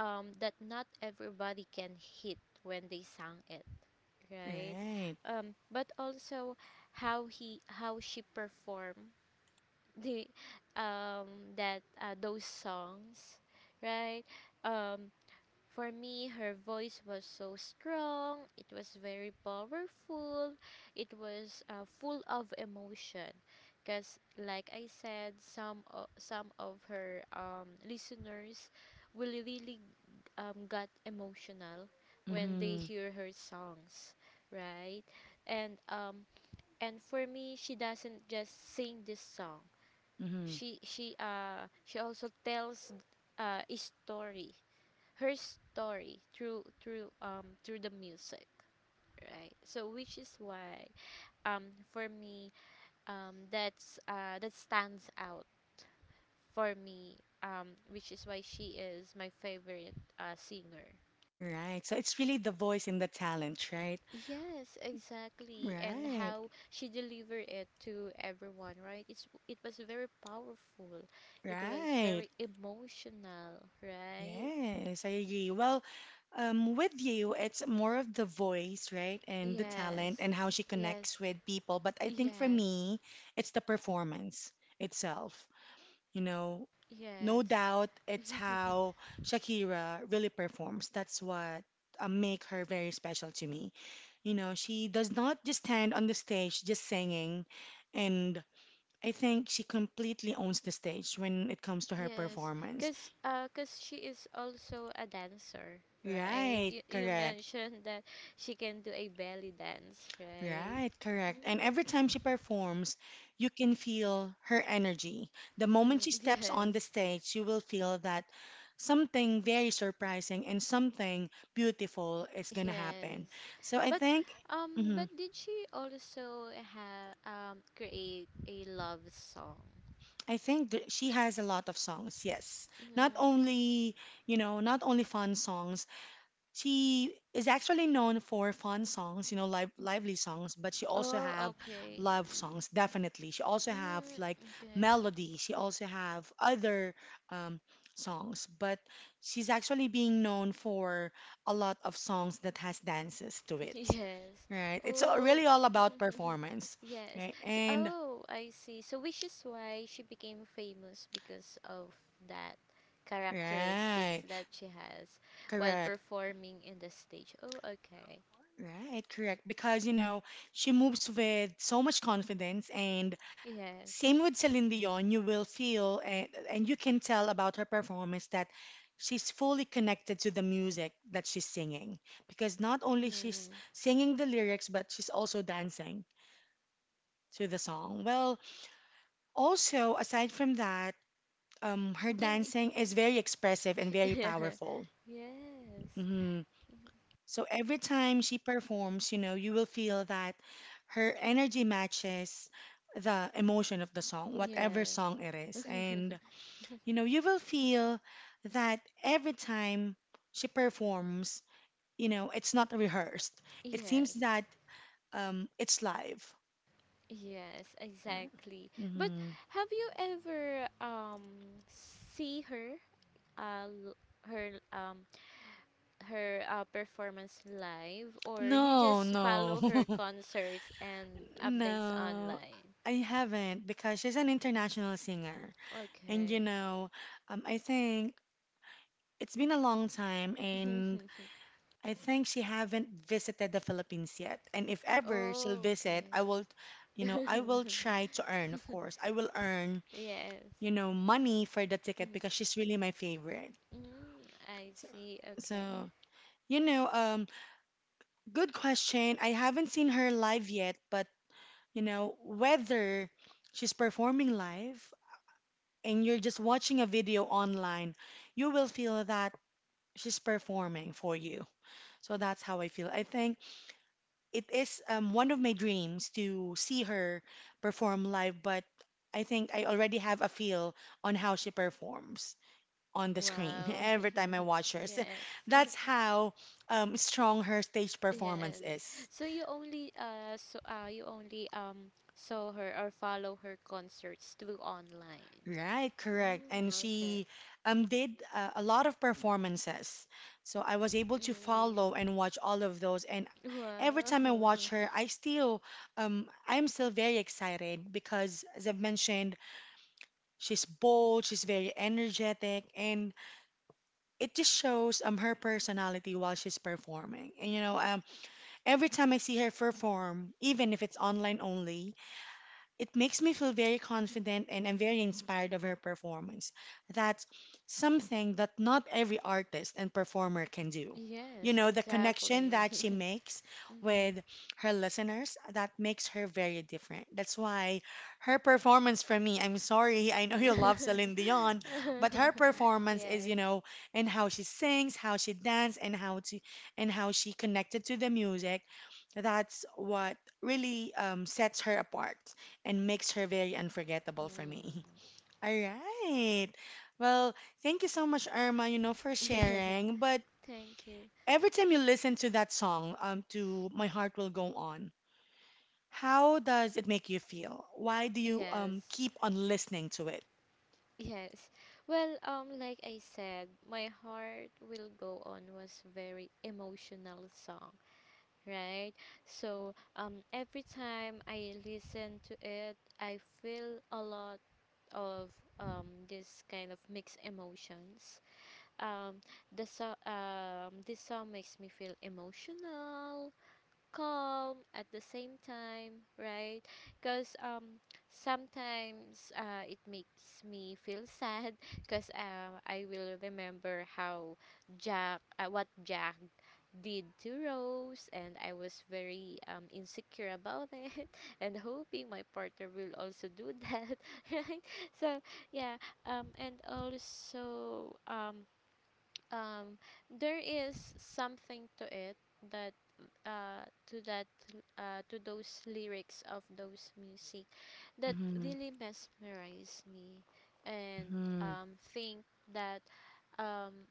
Speaker 2: um that not everybody can hit when they sang it, right?
Speaker 1: Right.
Speaker 2: Um but also how he how she performed the um that uh, those songs, right? um for me, her voice was so strong, it was very powerful, it was uh, full of emotion. Because, like I said, some, o- some of her, um, listeners will really, um, got emotional when they
Speaker 1: Mm-hmm.
Speaker 2: hear her songs, right? And um, and for me, she doesn't just sing this song.
Speaker 1: Mm-hmm.
Speaker 2: She she uh she also tells uh, a story, her story through through um through the music, right? So which is why, um for me, um that's uh that stands out for me, um which is why she is my favorite uh singer.
Speaker 1: Right. So it's really the voice and the talent, right?
Speaker 2: Yes, exactly, and
Speaker 1: Right.
Speaker 2: how she delivered it to everyone, right? It's it was very powerful, it was
Speaker 1: Right.
Speaker 2: very emotional, right?
Speaker 1: Yes, I agree. Well, um, with you, it's more of the voice, right? And the
Speaker 2: Yes,
Speaker 1: talent and how she
Speaker 2: yes,
Speaker 1: connects with people. But I think for
Speaker 2: yes,
Speaker 1: me, it's the performance itself. You know, no
Speaker 2: yes.
Speaker 1: doubt it's how Shakira really performs. That's what uh, make her very special to me. You know, she does not just stand on the stage just singing, and I think she completely owns the stage when it comes to her
Speaker 2: Yes,
Speaker 1: performance.
Speaker 2: cause uh, cause she is also a dancer, right?
Speaker 1: Right,
Speaker 2: You, you
Speaker 1: correct.
Speaker 2: mentioned that she can do a belly dance, right?
Speaker 1: Right, correct. And every time
Speaker 2: Mm-hmm.
Speaker 1: she performs, you can feel her energy. The moment she steps on
Speaker 2: Yes,
Speaker 1: the stage, you will feel that something very surprising and something beautiful is gonna happen.
Speaker 2: yes.
Speaker 1: So I
Speaker 2: But
Speaker 1: think,
Speaker 2: um, but
Speaker 1: mhm,
Speaker 2: did she also have um create a love song?
Speaker 1: I think that she has a lot of songs. Yes, not
Speaker 2: Mm-hmm.
Speaker 1: only you know, not only fun songs, she is actually known for fun songs, you know, live, lively songs, but she also
Speaker 2: Oh,
Speaker 1: have
Speaker 2: okay.
Speaker 1: love songs, definitely. She also have
Speaker 2: Mm,
Speaker 1: like
Speaker 2: okay.
Speaker 1: melody. She also have other um, songs, but she's actually being known for a lot of songs that has dances to it,
Speaker 2: Yes.
Speaker 1: right? It's all-
Speaker 2: Oh.
Speaker 1: really all about performance,
Speaker 2: Yes.
Speaker 1: right?
Speaker 2: So,
Speaker 1: And
Speaker 2: oh, I see. So which is why she became famous because of that characteristics
Speaker 1: right,
Speaker 2: that she has while
Speaker 1: correct,
Speaker 2: performing in the stage. Oh, okay.
Speaker 1: right, correct, because you know she moves with so much confidence and
Speaker 2: Yes.
Speaker 1: same with Celine Dion, you will feel and, and you can tell about her performance that she's fully connected to the music that she's singing because not only she's
Speaker 2: Mm.
Speaker 1: singing the lyrics but she's also dancing to the song. Well, also aside from that, um, her
Speaker 2: Did y-
Speaker 1: dancing is very expressive and very powerful.
Speaker 2: Yes.
Speaker 1: Hmm. So every time she performs, you know, you will feel that her energy matches the emotion of the song, whatever
Speaker 2: Yes.
Speaker 1: song it is, and you know, you will feel that every time she performs, you know, it's not rehearsed. It seems
Speaker 2: Yes.
Speaker 1: that um, it's live.
Speaker 2: Yes, exactly. But
Speaker 1: Mm-hmm.
Speaker 2: have you ever um see her uh, l- her um her uh, performance live, or you
Speaker 1: No,
Speaker 2: just
Speaker 1: no,
Speaker 2: follow her concerts and updates
Speaker 1: no,
Speaker 2: online?
Speaker 1: I haven't because she's an international singer. And you
Speaker 2: Okay.
Speaker 1: know, um, I think it's been a long time, and I think she haven't visited the Philippines yet. And if ever she'll
Speaker 2: Oh,
Speaker 1: visit,
Speaker 2: okay.
Speaker 1: I will, you know, I will try to earn, of course. I will earn,
Speaker 2: Yes.
Speaker 1: you know, money for the ticket
Speaker 2: Mm.
Speaker 1: because she's really my favorite.
Speaker 2: Mm, I
Speaker 1: So,
Speaker 2: see. Okay.
Speaker 1: so you know, um, good question. I haven't seen her live yet, but you know, whether she's performing live and you're just watching a video online, you will feel that she's performing for you. So that's how I feel. I think it is um, one of my dreams to see her perform live, but I think I already have a feel on how she performs on the screen
Speaker 2: Wow.
Speaker 1: every time I watch her. So
Speaker 2: Yeah.
Speaker 1: that's how um, strong her stage performance
Speaker 2: Yes.
Speaker 1: is.
Speaker 2: So you only uh so uh you only um saw her or follow her concerts through online?
Speaker 1: Right, correct.
Speaker 2: Mm,
Speaker 1: And
Speaker 2: okay.
Speaker 1: she um, did uh, a lot of performances. So I was able to follow
Speaker 2: Mm.
Speaker 1: and watch all of those. And every
Speaker 2: Wow.
Speaker 1: time I watch her, I still, um, I'm still very excited because, as I've mentioned, she's bold, she's very energetic, and it just shows um her personality while she's performing. And you know, um, every time I see her perform, even if it's online only, it makes me feel very confident and I'm very inspired of her performance. That's something that not every artist and performer can do. You
Speaker 2: Yes,
Speaker 1: know, the connection
Speaker 2: exactly.
Speaker 1: that she makes
Speaker 2: Hmm.
Speaker 1: with her listeners, that makes her very different. That's why her performance for me, I'm sorry, I know you love Celine Dion, but her performance is, you
Speaker 2: Yes.
Speaker 1: know, and how she sings, how she dances, and how to and how she connected to the music, that's what really um, sets her apart and makes her very unforgettable for me.
Speaker 2: Mm.
Speaker 1: All right. Well, thank you so much, Irma, you know, for sharing. But
Speaker 2: Thank you.
Speaker 1: every time you listen to that song, um, to My Heart Will Go On, how does it make you feel? Why do you um
Speaker 2: Yes.
Speaker 1: keep on listening to it?
Speaker 2: Yes. Well, um like I said, My Heart Will Go On was very emotional song, right? So, um every time I listen to it, I feel a lot of um this kind of mixed emotions. Um, the so um, This song makes me feel emotional, calm at the same time, right? Because um, sometimes uh, it makes me feel sad because, um, I will remember how Jack, uh, what Jack did to Rose, and I was very, um, insecure about it, and hoping my partner will also do that, right? So yeah, um, and also um, um there is something to it that uh to that uh to those lyrics of those music that
Speaker 1: Mm-hmm.
Speaker 2: really mesmerize me and
Speaker 1: Mm-hmm.
Speaker 2: um think that, um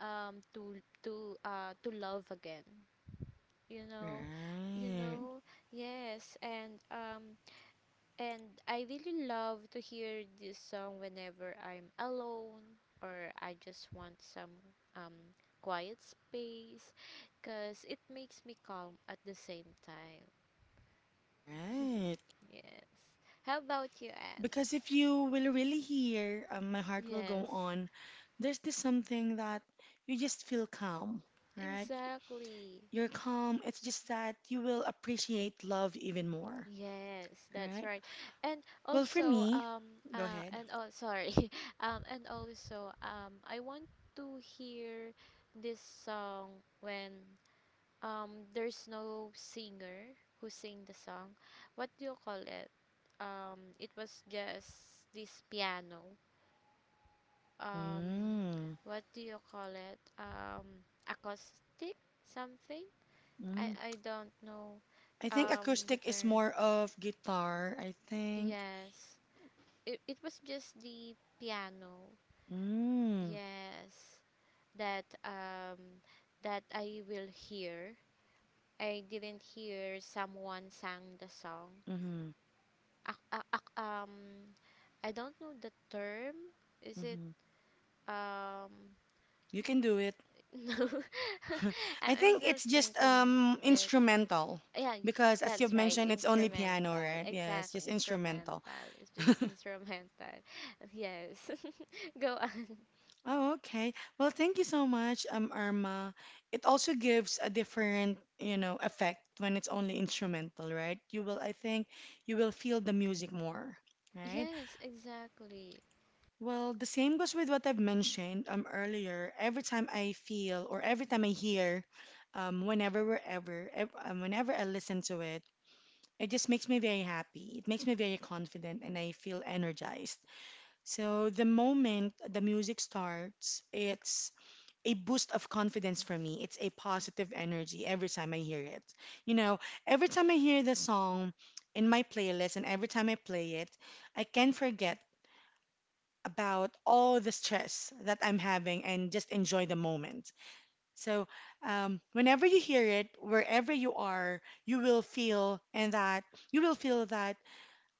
Speaker 2: um to to uh to love again, you know, you
Speaker 1: Right.
Speaker 2: know. Yes, and um and I really love to hear this song whenever I'm alone or I just want some, um, quiet space, because it makes me calm at the same time.
Speaker 1: Right.
Speaker 2: Yes. How
Speaker 1: Be-
Speaker 2: about you, Anne?
Speaker 1: because if you will really hear um, My Heart Will Go
Speaker 2: Yes,
Speaker 1: On, there's this something that you just feel calm, right?
Speaker 2: exactly.
Speaker 1: You're calm. It's just that you will appreciate love even more,
Speaker 2: Yes, that's
Speaker 1: right?
Speaker 2: right. And
Speaker 1: Well, for
Speaker 2: also,
Speaker 1: me,
Speaker 2: um,
Speaker 1: go
Speaker 2: uh,
Speaker 1: ahead.
Speaker 2: and oh, sorry, um, and also, um, I want to hear this song when, Um, there's no singer who sing the song. What do you call it? Um, it was just this piano. Um,
Speaker 1: Mm,
Speaker 2: what do you call it? Um, acoustic something? I
Speaker 1: mm.
Speaker 2: I don't know.
Speaker 1: I think
Speaker 2: Um, the
Speaker 1: acoustic is
Speaker 2: term.
Speaker 1: more of guitar, I think.
Speaker 2: Yes. It it was just the piano.
Speaker 1: Mm,
Speaker 2: Yes. That um that I will hear. I didn't hear someone sang the song.
Speaker 1: mm-hmm,
Speaker 2: Ac ac ac um, I don't know the term. Is it
Speaker 1: mm-hmm.
Speaker 2: um?
Speaker 1: You can do it.
Speaker 2: No, I'm
Speaker 1: I
Speaker 2: I'm
Speaker 1: think
Speaker 2: still
Speaker 1: it's just
Speaker 2: thinking
Speaker 1: um
Speaker 2: it.
Speaker 1: instrumental
Speaker 2: Yeah, y-
Speaker 1: because as you've
Speaker 2: that's right.
Speaker 1: mentioned, it's only
Speaker 2: Instrumental.
Speaker 1: piano, right? Yes,
Speaker 2: Exactly,
Speaker 1: just
Speaker 2: instrumental.
Speaker 1: instrumental.
Speaker 2: It's just instrumental. Yes. Go on.
Speaker 1: Oh, okay. Well, thank you so much, um, Irma. It also gives a different, you know, effect when it's only instrumental, right? You will, I think, you will feel the music more, right?
Speaker 2: Yes, exactly.
Speaker 1: Well, the same goes with what I've mentioned um earlier. Every time I feel or every time I hear, um, whenever, wherever, ev um, whenever I listen to it, it just makes me very happy. It makes me very confident, and I feel energized. So the moment the music starts, it's a boost of confidence for me. It's a positive energy every time I hear it. You know, every time I hear the song in my playlist and every time I play it, I can forget about all the stress that I'm having and just enjoy the moment. So, um, whenever you hear it, wherever you are, you will feel and that you will feel that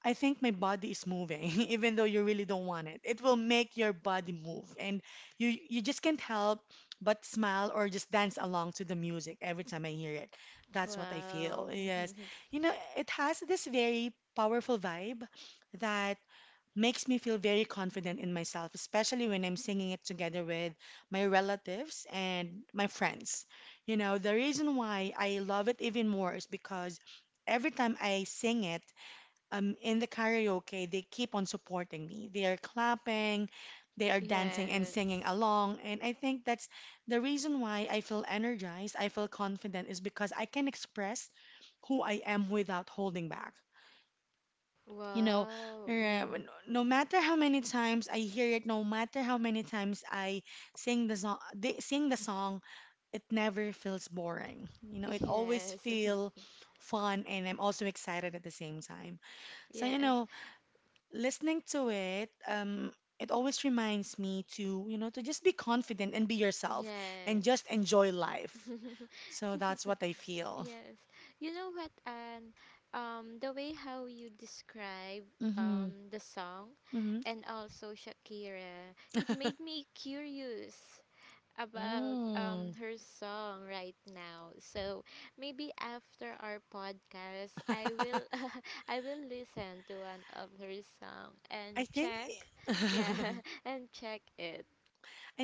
Speaker 1: I think my body is moving, even though you really don't want it. It will make your body move, and you you just can't help but smile or just dance along to the music every time I hear it. That's what I
Speaker 2: Wow.
Speaker 1: feel. Yes, you know, it has this very powerful vibe that makes me feel very confident in myself, especially when I'm singing it together with my relatives and my friends. You know, the reason why I love it even more is because every time I sing it um, in the karaoke, they keep on supporting me. They are clapping, they are dancing and
Speaker 2: Yes.
Speaker 1: singing along. And I think that's the reason why I feel energized, I feel confident, is because I can express who I am without holding back. You know,
Speaker 2: Wow.
Speaker 1: uh,
Speaker 2: Mm.
Speaker 1: no matter how many times I hear it, no matter how many times I sing the song, they sing the song, it never feels boring. You know, it always
Speaker 2: Yes.
Speaker 1: feel fun and I'm also excited at the same time. So, you
Speaker 2: Yes.
Speaker 1: know, listening to it, um, it always reminds me to, you know, to just be confident and be yourself and just
Speaker 2: Yes.
Speaker 1: enjoy life. So that's what I feel.
Speaker 2: Yes. You know what, and um, the way how you describe,
Speaker 1: Mm-hmm.
Speaker 2: um, the song
Speaker 1: Mm-hmm.
Speaker 2: and also Shakira, it made me curious about, um,
Speaker 1: Mm.
Speaker 2: her song right now. So maybe after our podcast, I will I will listen to one of her song
Speaker 1: I
Speaker 2: and
Speaker 1: think
Speaker 2: check, yeah,
Speaker 1: I
Speaker 2: and check it.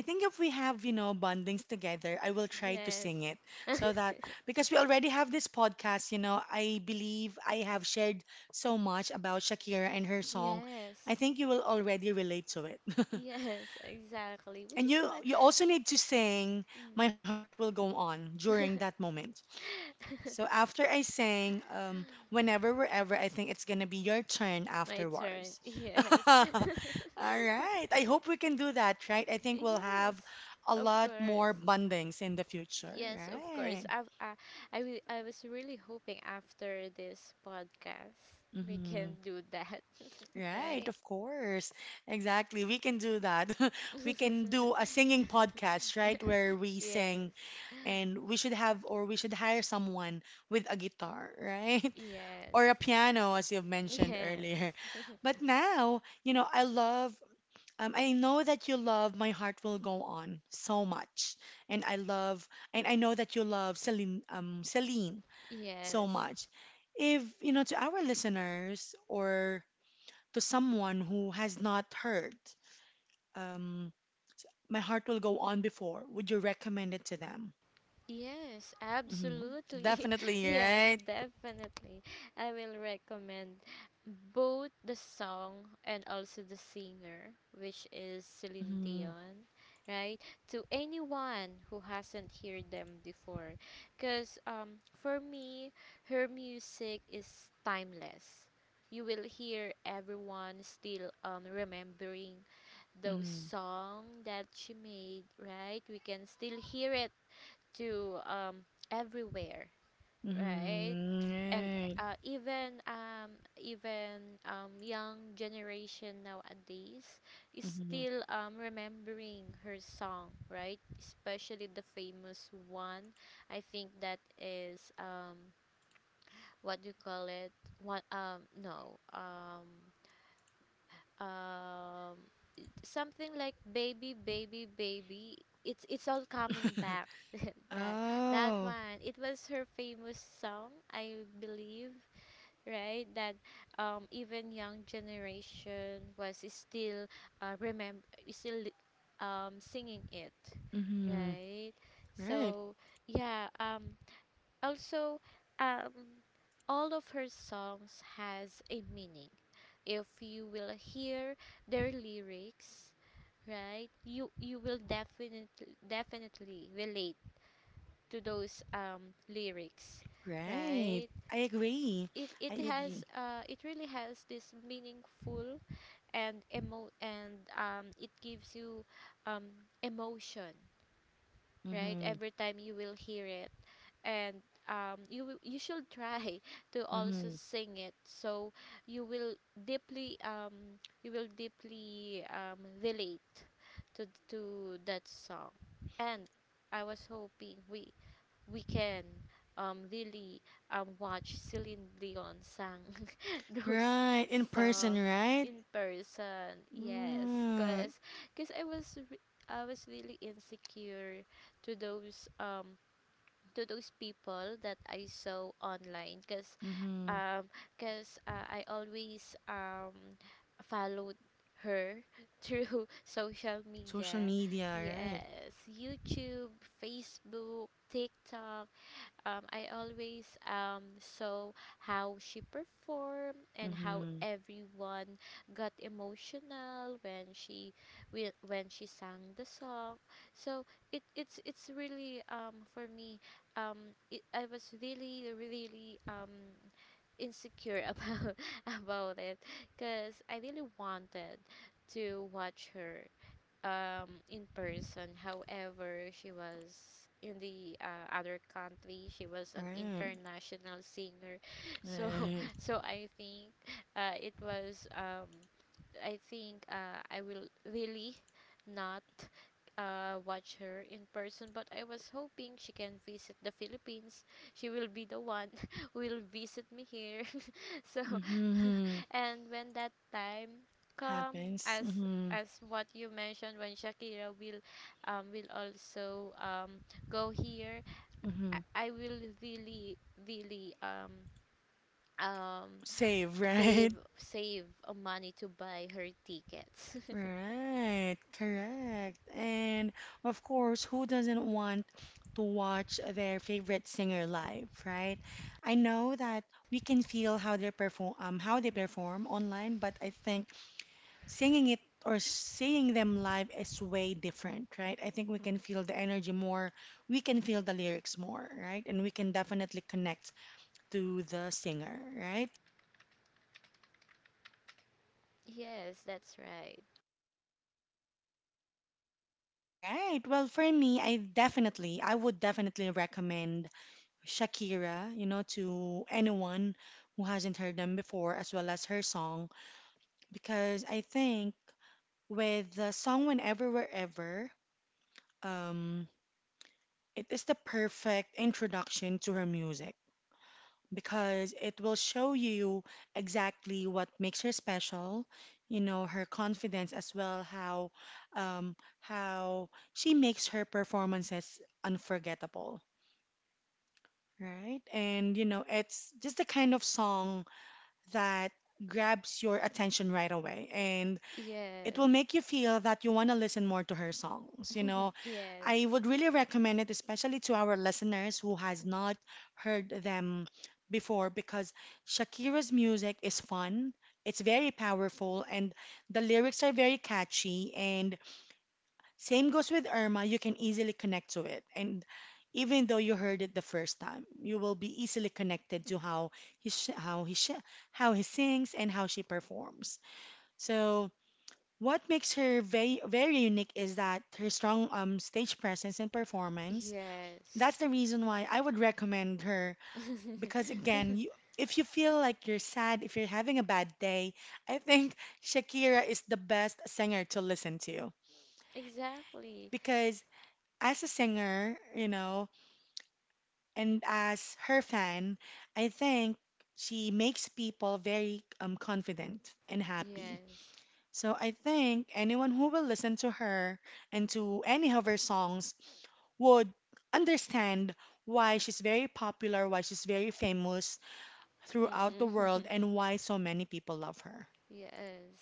Speaker 1: think if we have, you know, bondings together, I will try to
Speaker 2: Yes.
Speaker 1: sing it so that because we already have this podcast, you know, I believe I have shared so much about Shakira and her song. I
Speaker 2: Yes.
Speaker 1: think you will already relate to it.
Speaker 2: Yes, exactly. Which
Speaker 1: And
Speaker 2: is
Speaker 1: you
Speaker 2: why.
Speaker 1: you also need to sing My
Speaker 2: Mm.
Speaker 1: Heart Will Go On during that moment. So after I sang um Whenever Wherever, I think it's gonna be your turn
Speaker 2: My turn.
Speaker 1: afterwards.
Speaker 2: Yes.
Speaker 1: All right. I hope we can do that, right? I think we'll have
Speaker 2: Yes.
Speaker 1: a
Speaker 2: Of
Speaker 1: lot more
Speaker 2: course.
Speaker 1: bondings in the future,
Speaker 2: Yes, of course.
Speaker 1: right?
Speaker 2: I've, I, I, wi- I was really hoping after this podcast we
Speaker 1: Mm-hmm.
Speaker 2: can do that,
Speaker 1: Right,
Speaker 2: right?
Speaker 1: of course. Exactly. We can do that. We can do a singing podcast, right? Where we sing
Speaker 2: Yes.
Speaker 1: and we should have or we should hire someone with a guitar, right? Or a
Speaker 2: Yes.
Speaker 1: piano, as you've mentioned
Speaker 2: Yes.
Speaker 1: earlier. But now, you know, I love, um, I know that you love My Heart Will Go On so much. And I love, and I know that you love Celine, um, Celine so
Speaker 2: Yes.
Speaker 1: much. If, you know, to our listeners or to someone who has not heard, um, My Heart Will Go On before, would you recommend it to them?
Speaker 2: Yes,
Speaker 1: Mhm.
Speaker 2: absolutely.
Speaker 1: Definitely,
Speaker 2: Yes,
Speaker 1: right?
Speaker 2: definitely. I will recommend both the song and also the singer, which is Celine
Speaker 1: Mhm.
Speaker 2: Dion, right? To anyone who hasn't heard them before. Because, um, for me, her music is timeless. You will hear everyone still, um, remembering those
Speaker 1: Mhm.
Speaker 2: song that she made, right? We can still hear it to, um, everywhere, right?
Speaker 1: Mhm.
Speaker 2: And
Speaker 1: Right.
Speaker 2: uh, even um, even, um, young generation nowadays is
Speaker 1: Mhm.
Speaker 2: still, um, remembering her song, right? Especially the famous one. I think that is, um, what do you call it? What um no um um Something like baby baby baby, it's it's all coming back. That that
Speaker 1: Oh,
Speaker 2: one, it was her famous song, I believe, right? That, um even young generation was still uh, remember still, um singing it,
Speaker 1: Mhm.
Speaker 2: right?
Speaker 1: Right.
Speaker 2: So yeah, um also um all of her songs has a meaning. If you will hear their lyrics, right, you you will definitely definitely relate to those, um lyrics,
Speaker 1: Right.
Speaker 2: right?
Speaker 1: I agree.
Speaker 2: it it
Speaker 1: I
Speaker 2: has
Speaker 1: agree.
Speaker 2: uh it really has this meaningful and emo and um it gives you, um emotion, right?
Speaker 1: Mhm.
Speaker 2: Every time you will hear it, and, um, you will- you should try to also
Speaker 1: Mhm.
Speaker 2: sing it, so you will deeply um you will deeply um relate to to that song. And I was hoping we we can, um, really, um, watch Celine Dion sang those
Speaker 1: Right, in person,
Speaker 2: song
Speaker 1: right?
Speaker 2: in person. Yes,
Speaker 1: Right.
Speaker 2: cause, cause I was re- I was really insecure to those um to those people that I saw online. Cause,
Speaker 1: Mhm.
Speaker 2: um, cause uh, I always um followed her through social
Speaker 1: Social
Speaker 2: media.
Speaker 1: media, right?
Speaker 2: Yes, YouTube, Facebook, TikTok, um, I always, um, saw how she performed and how
Speaker 1: Mhm.
Speaker 2: everyone got emotional when she wi- when she sang the song. So it it's it's really, um, for me um, it, I was really really, um, insecure about about it because I really wanted to watch her, um, in person. However, she was in the, uh, other country. She was an
Speaker 1: Right.
Speaker 2: international singer, so
Speaker 1: Right.
Speaker 2: so I think, uh, it was. Um, I think uh, I will really not, uh, watch her in person, but I was hoping she can visit the Philippines. She will be the one who will visit me here. So,
Speaker 1: Mhm.
Speaker 2: and when that time come,
Speaker 1: Happens.
Speaker 2: as
Speaker 1: Mhm.
Speaker 2: as what you mentioned, when Shakira will, um, will also, um, go here,
Speaker 1: Mhm.
Speaker 2: I, I will really really, um, um,
Speaker 1: Save, right?
Speaker 2: save save uh, money to buy her tickets.
Speaker 1: Right, correct. And of course, who doesn't want to watch their favorite singer live, right? I know that we can feel how they perform, um, how they perform online, but I think singing it or seeing them live is way different, right? I think we can feel the energy more, we can feel the lyrics more, right? And we can definitely connect to the singer, right?
Speaker 2: Yes, that's right.
Speaker 1: Right. Well, for me, I definitely, I would definitely recommend Shakira, you know, to anyone who hasn't heard them before, as well as her song. Because I think with the song Whenever, Wherever, um, it is the perfect introduction to her music because it will show you exactly what makes her special, you know, her confidence as well, how, um, how she makes her performances unforgettable. Right? And you know, it's just the kind of song that grabs your attention right away and it will
Speaker 2: Yes,
Speaker 1: make you feel that you want to listen more to her songs, you know. I
Speaker 2: yes,
Speaker 1: would really recommend it especially to our listeners who has not heard them before because Shakira's music is fun, it's very powerful and the lyrics are very catchy and same goes with Irma, you can easily connect to it. And even though you heard it the first time, you will be easily connected to how he sh- how he sh- how he sings and how she performs. So what makes her very very unique is that her strong um, stage presence and performance.
Speaker 2: yes.
Speaker 1: That's the reason why I would recommend her because again, you, if you feel like you're sad, if you're having a bad day, I think Shakira is the best singer to listen to
Speaker 2: exactly.
Speaker 1: because as a singer, you know, and as her fan, I think she makes people very um, confident and happy.
Speaker 2: Yes.
Speaker 1: So I think anyone who will listen to her and to any of her songs would understand why she's very popular, why she's very famous throughout the world,
Speaker 2: Mm-mm.
Speaker 1: and why so many people love her.
Speaker 2: yes.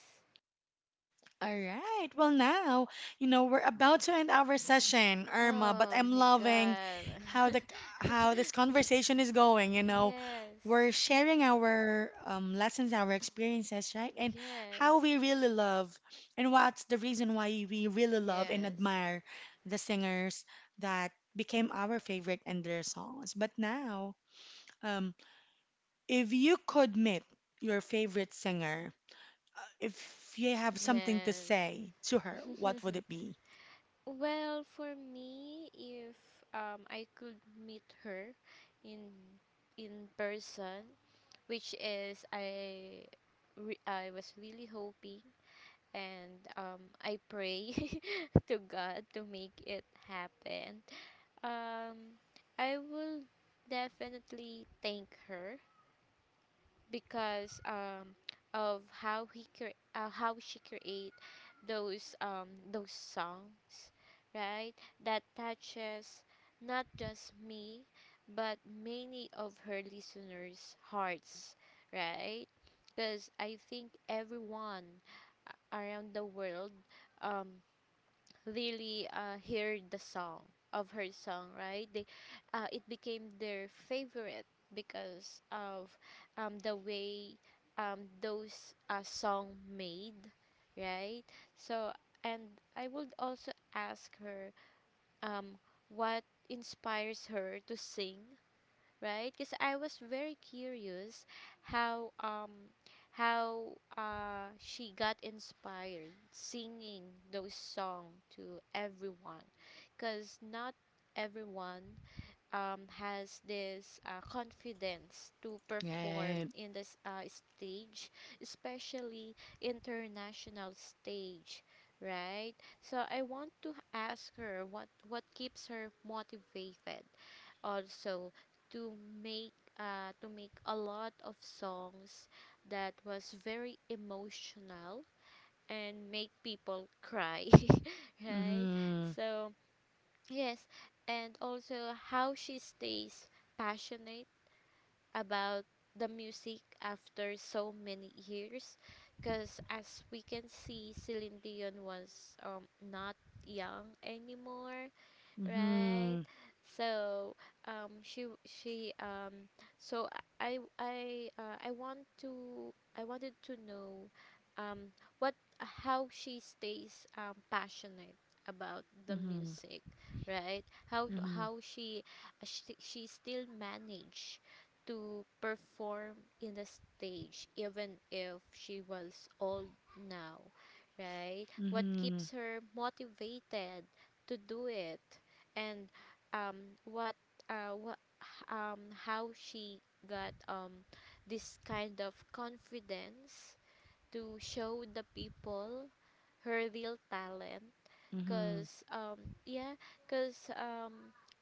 Speaker 1: All right. Well, now, you know, we're about to end our session, Irma, but
Speaker 2: Oh
Speaker 1: I'm
Speaker 2: my
Speaker 1: loving
Speaker 2: god.
Speaker 1: how the how this conversation is going, you know.
Speaker 2: yes.
Speaker 1: We're sharing our um, lessons, our experiences, right? And how
Speaker 2: Yes.
Speaker 1: we really love and what's the reason why we really love and
Speaker 2: Yes.
Speaker 1: admire the singers that became our favorite and their songs. But now, um, if you could meet your favorite singer, if you have something to
Speaker 2: Yes.
Speaker 1: say to her, what would it be?
Speaker 2: well, for me, if um I could meet her in in person, which is I re- I was really hoping and um I pray to God to make it happen. Um I will definitely thank her because um, of how he cre- uh, how she create those um, those songs, right? That touches not just me, but many of her listeners' hearts, right? Because I think everyone around the world, um, really uh, hear the song of her song, right? They, uh, it became their favorite because of, um, the way, um, those uh, song made, right? So and I would also ask her, um, what inspires her to sing, right? Because I was very curious how um how uh she got inspired singing those songs to everyone, because not everyone um has this uh, confidence to perform
Speaker 1: Right.
Speaker 2: in this uh, stage, especially international stage. Right, so I want to ask her what what keeps her motivated also to make uh, to make a lot of songs that was very emotional and make people cry right
Speaker 1: Mm-hmm.
Speaker 2: so yes, and also how she stays passionate about the music after so many years, because as we can see, Celine Dion was, um, not young anymore, right?
Speaker 1: Mm-hmm.
Speaker 2: So, um, she she um, so I I uh, I want to I wanted to know, um, what how she stays, um, passionate about the
Speaker 1: Mm-hmm.
Speaker 2: music, right? How
Speaker 1: Mm-hmm.
Speaker 2: how she she, she still manage to perform in the stage even if she was old now, right? What
Speaker 1: Mm-hmm.
Speaker 2: keeps her motivated to do it, and um what uh what um how she got, um this kind of confidence to show the people her real talent,
Speaker 1: Mm-hmm.
Speaker 2: because um yeah because um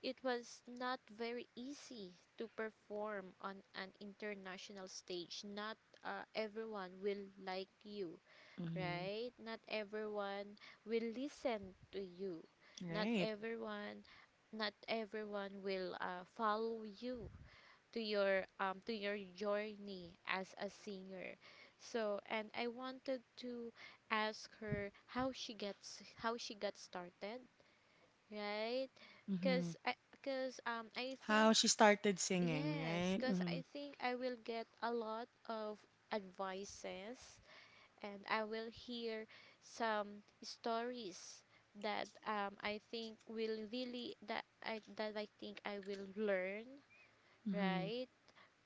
Speaker 2: it was not very easy to perform on an international stage, not uh, everyone will like you,
Speaker 1: Mm-hmm.
Speaker 2: right? Not everyone will listen to you. Not
Speaker 1: Right.
Speaker 2: everyone not everyone will uh, follow you to your um to your journey as a singer. So, and I wanted to ask her how she gets how she got started, right? Cuz
Speaker 1: Mm-hmm.
Speaker 2: I cuz um I
Speaker 1: How
Speaker 2: think
Speaker 1: she started singing,
Speaker 2: yes,
Speaker 1: right?
Speaker 2: cuz
Speaker 1: Mm-hmm.
Speaker 2: I think I will get a lot of advices, and I will hear some stories that, um, I think will really, that I that I think I will learn,
Speaker 1: Mm-hmm.
Speaker 2: right,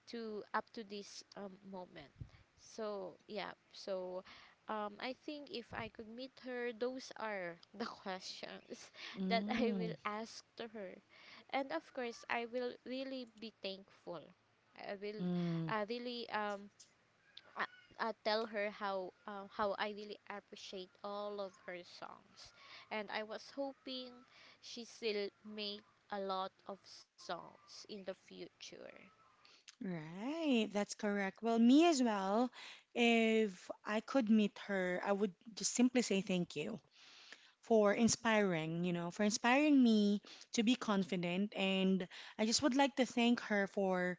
Speaker 2: to up to this, um, moment. So yeah, so, um, I think if I could meet her, those are the questions that I
Speaker 1: Mm-hmm.
Speaker 2: will ask to her, and of course I will really be thankful. I will
Speaker 1: Mm-hmm.
Speaker 2: uh, really, um, uh, uh, tell her how uh, how I really appreciate all of her songs, and I was hoping she still make a lot of songs in the future.
Speaker 1: Right. That's correct. Well, me as well. If I could meet her, I would just simply say thank you for inspiring, you know, for inspiring me to be confident. And I just would like to thank her for,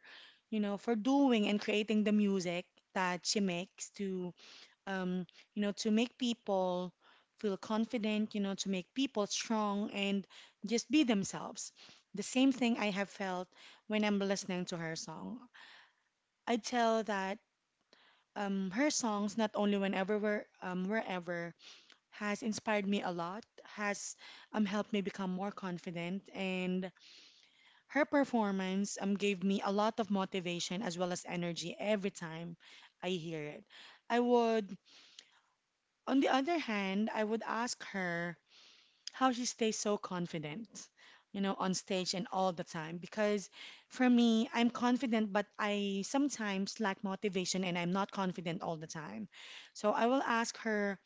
Speaker 1: you know, for doing and creating the music that she makes to, um, you know, to make people feel confident, you know, to make people strong and just be themselves. The same thing I have felt when I'm listening to her song. I tell that um, her songs, not only whenever we're um, wherever has inspired me a lot, has um, helped me become more confident, and her performance um, gave me a lot of motivation as well as energy every time I hear it. I would, on the other hand, I would ask her how she stays so confident, you know, on stage and all the time. Because for me, I'm confident, but I sometimes lack motivation and I'm not confident all the time. So I will ask her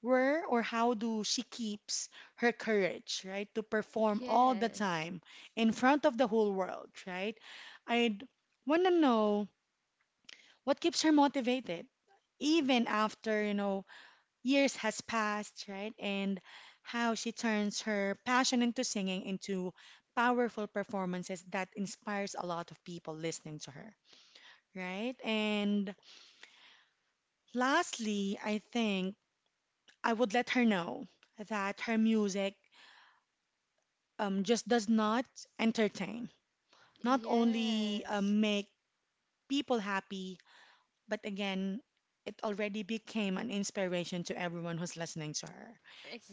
Speaker 1: where or how do she keeps her courage, right, to perform all the
Speaker 2: Yes,
Speaker 1: time in front of the whole world, right? I'd want to know what keeps her motivated even after, you know, years has passed, right? And how she turns her passion into singing into powerful performances that inspires a lot of people listening to her, right? And lastly, I think I would let her know that her music um, just does not entertain. Not only uh,
Speaker 2: yes,
Speaker 1: make people happy, but again, it already became an inspiration to everyone who's listening to her.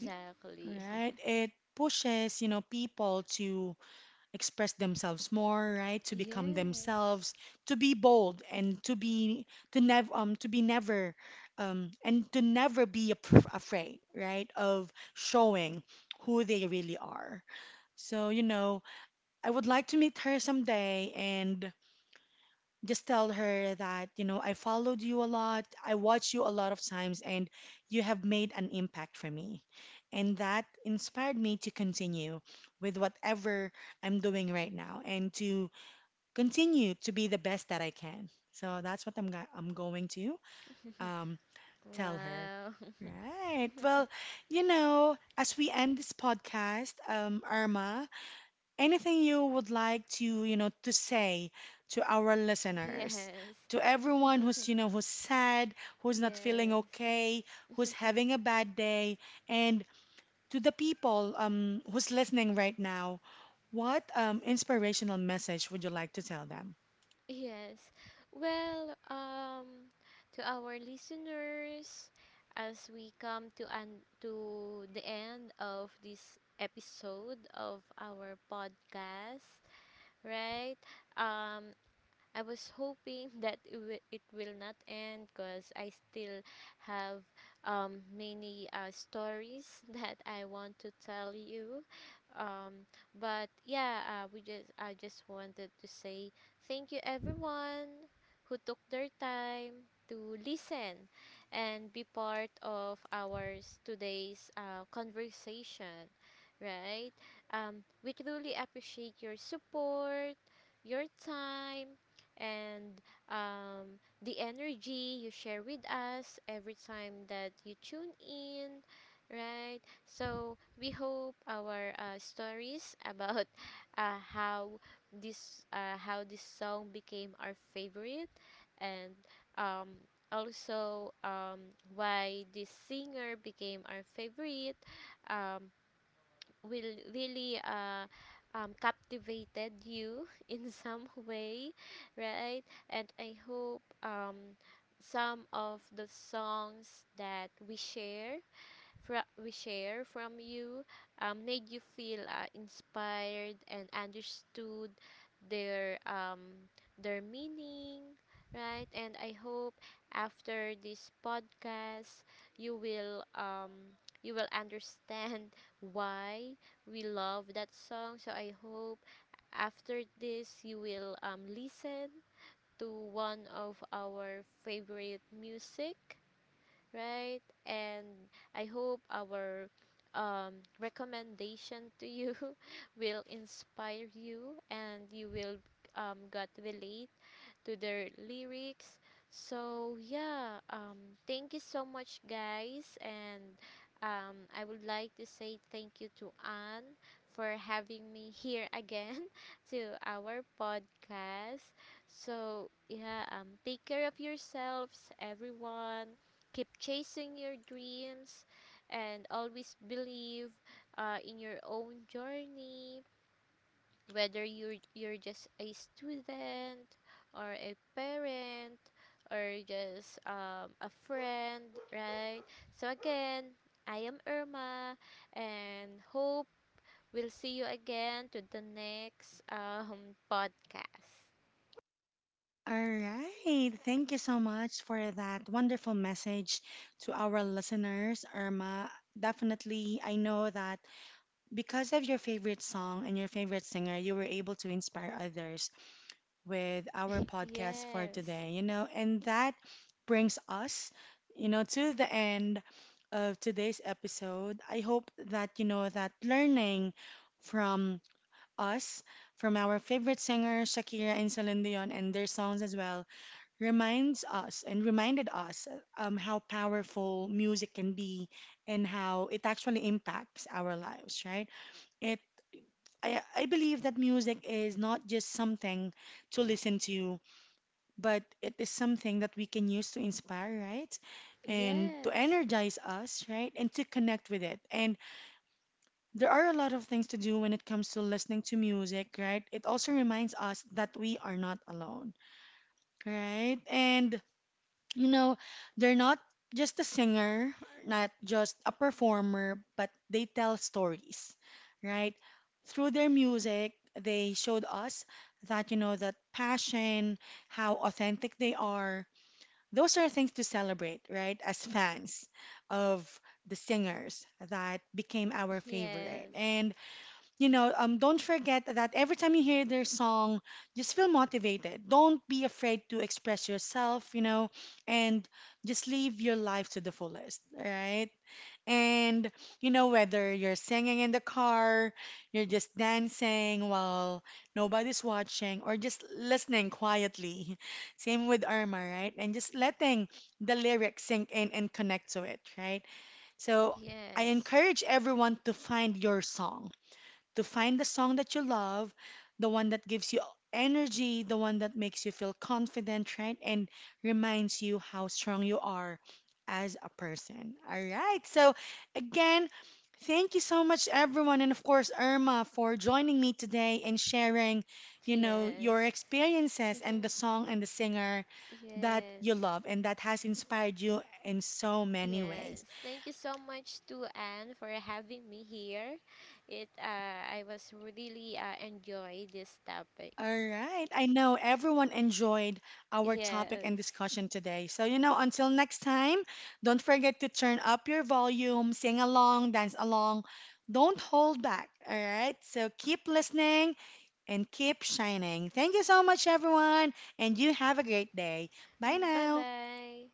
Speaker 1: Yeah, right? It pushes, you know, people to express themselves more, right? To become
Speaker 2: yes.
Speaker 1: themselves, to be bold, and to be to never um to be never um and to never be af- afraid, right? Of showing who they really are. So you know, I would like to meet her someday and just tell her that, you know, I followed you a lot, I watched you a lot of times, and you have made an impact for me. And that inspired me to continue with whatever I'm doing right now and to continue to be the best that I can. So that's what I'm go- I'm going to um, tell her.
Speaker 2: Wow.
Speaker 1: Right. Well, you know, as we end this podcast, um, Irma, anything you would like to, you know, to say to our listeners,
Speaker 2: yes.
Speaker 1: to everyone who's, you know, who's sad, who's not feeling
Speaker 2: Yes.
Speaker 1: okay, who's having a bad day, and to the people um, who's listening right now, what um, inspirational message would you like to tell them?
Speaker 2: Yes. Well, um, to our listeners, as we come to an to the end of this episode of our podcast, right? Um, I was hoping that it will, it will not end because I still have, um, many uh, stories that I want to tell you. Um, but yeah, uh, we just I just wanted to say thank you everyone who took their time to listen and be part of our s- today's uh, conversation, right? Um, we truly appreciate your support, your time, and, um, the energy you share with us every time that you tune in, right? So we hope our uh, stories about uh, how this uh, how this song became our favorite, and, um, also um, why this singer became our favorite. Um, will really, uh, um, captivated you in some way, right? And I hope, um, some of the songs that we share fro- we share from you, um, made you feel uh, inspired and understood their, um, their meaning, right, and I hope after this podcast you will, um, you will understand why we love that song. So I hope after this you will, um, listen to one of our favorite music, right? And I hope our, um, recommendation to you will inspire you and you will, um, got relate to their lyrics. So yeah, um, thank you so much, guys, and, um, I would like to say thank you to Anne for having me here again to our podcast. So yeah, um, take care of yourselves, everyone. Keep chasing your dreams, and always believe uh, in your own journey, whether you're you're just a student or a parent or just, um, a friend, right? So again, I am Irma, and hope we'll see you again to the next, um, podcast.
Speaker 1: All right. Thank you so much for that wonderful message to our listeners, Irma. Definitely, I know that because of your favorite song and your favorite singer, you were able to inspire others with our podcast for
Speaker 2: Yes,
Speaker 1: today, you know, and that brings us, you know, to the end of today's episode. I hope that, you know, that learning from us, from our favorite singer, Shakira and Celine Dion, and their songs as well, reminds us and reminded us um, how powerful music can be and how it actually impacts our lives, right? It I, I believe that music is not just something to listen to, but it is something that we can use to inspire, right? And to
Speaker 2: yes,
Speaker 1: energize us, right? And to connect with it. And there are a lot of things to do when it comes to listening to music, right? It also reminds us that we are not alone, right? And you know, they're not just a singer, not just a performer, but they tell stories, right? Through their music, they showed us that, you know, that passion, how authentic they are. Those are things to celebrate, right? As fans of the singers that became our favorite.
Speaker 2: yes,
Speaker 1: And you know, um, don't forget that every time you hear their song, just feel motivated. Don't be afraid to express yourself, you know, and just live your life to the fullest, right? And, you know, whether you're singing in the car, you're just dancing while nobody's watching, or just listening quietly. Same with Irma, right? And just letting the lyrics sink in and connect to it, right? So I
Speaker 2: yes,
Speaker 1: encourage everyone to find your song, to find the song that you love, the one that gives you energy, the one that makes you feel confident, right? And reminds you how strong you are as a person. All right. So, again, thank you so much, everyone. And of course, Irma, for joining me today and sharing, you know,
Speaker 2: yes.
Speaker 1: your experiences and the song and the singer that
Speaker 2: Yes.
Speaker 1: you love and that has inspired you in so many ways.
Speaker 2: Yes, thank you so much to Anne for having me here. It uh, I was really uh, enjoy this topic.
Speaker 1: All right. I know everyone enjoyed our topic
Speaker 2: Yes.
Speaker 1: and discussion today. So, you know, until next time, don't forget to turn up your volume, sing along, dance along. Don't hold back. All right. So keep listening and keep shining. Thank you so much, everyone. And you have a great day. Bye
Speaker 2: Bye
Speaker 1: now.
Speaker 2: bye.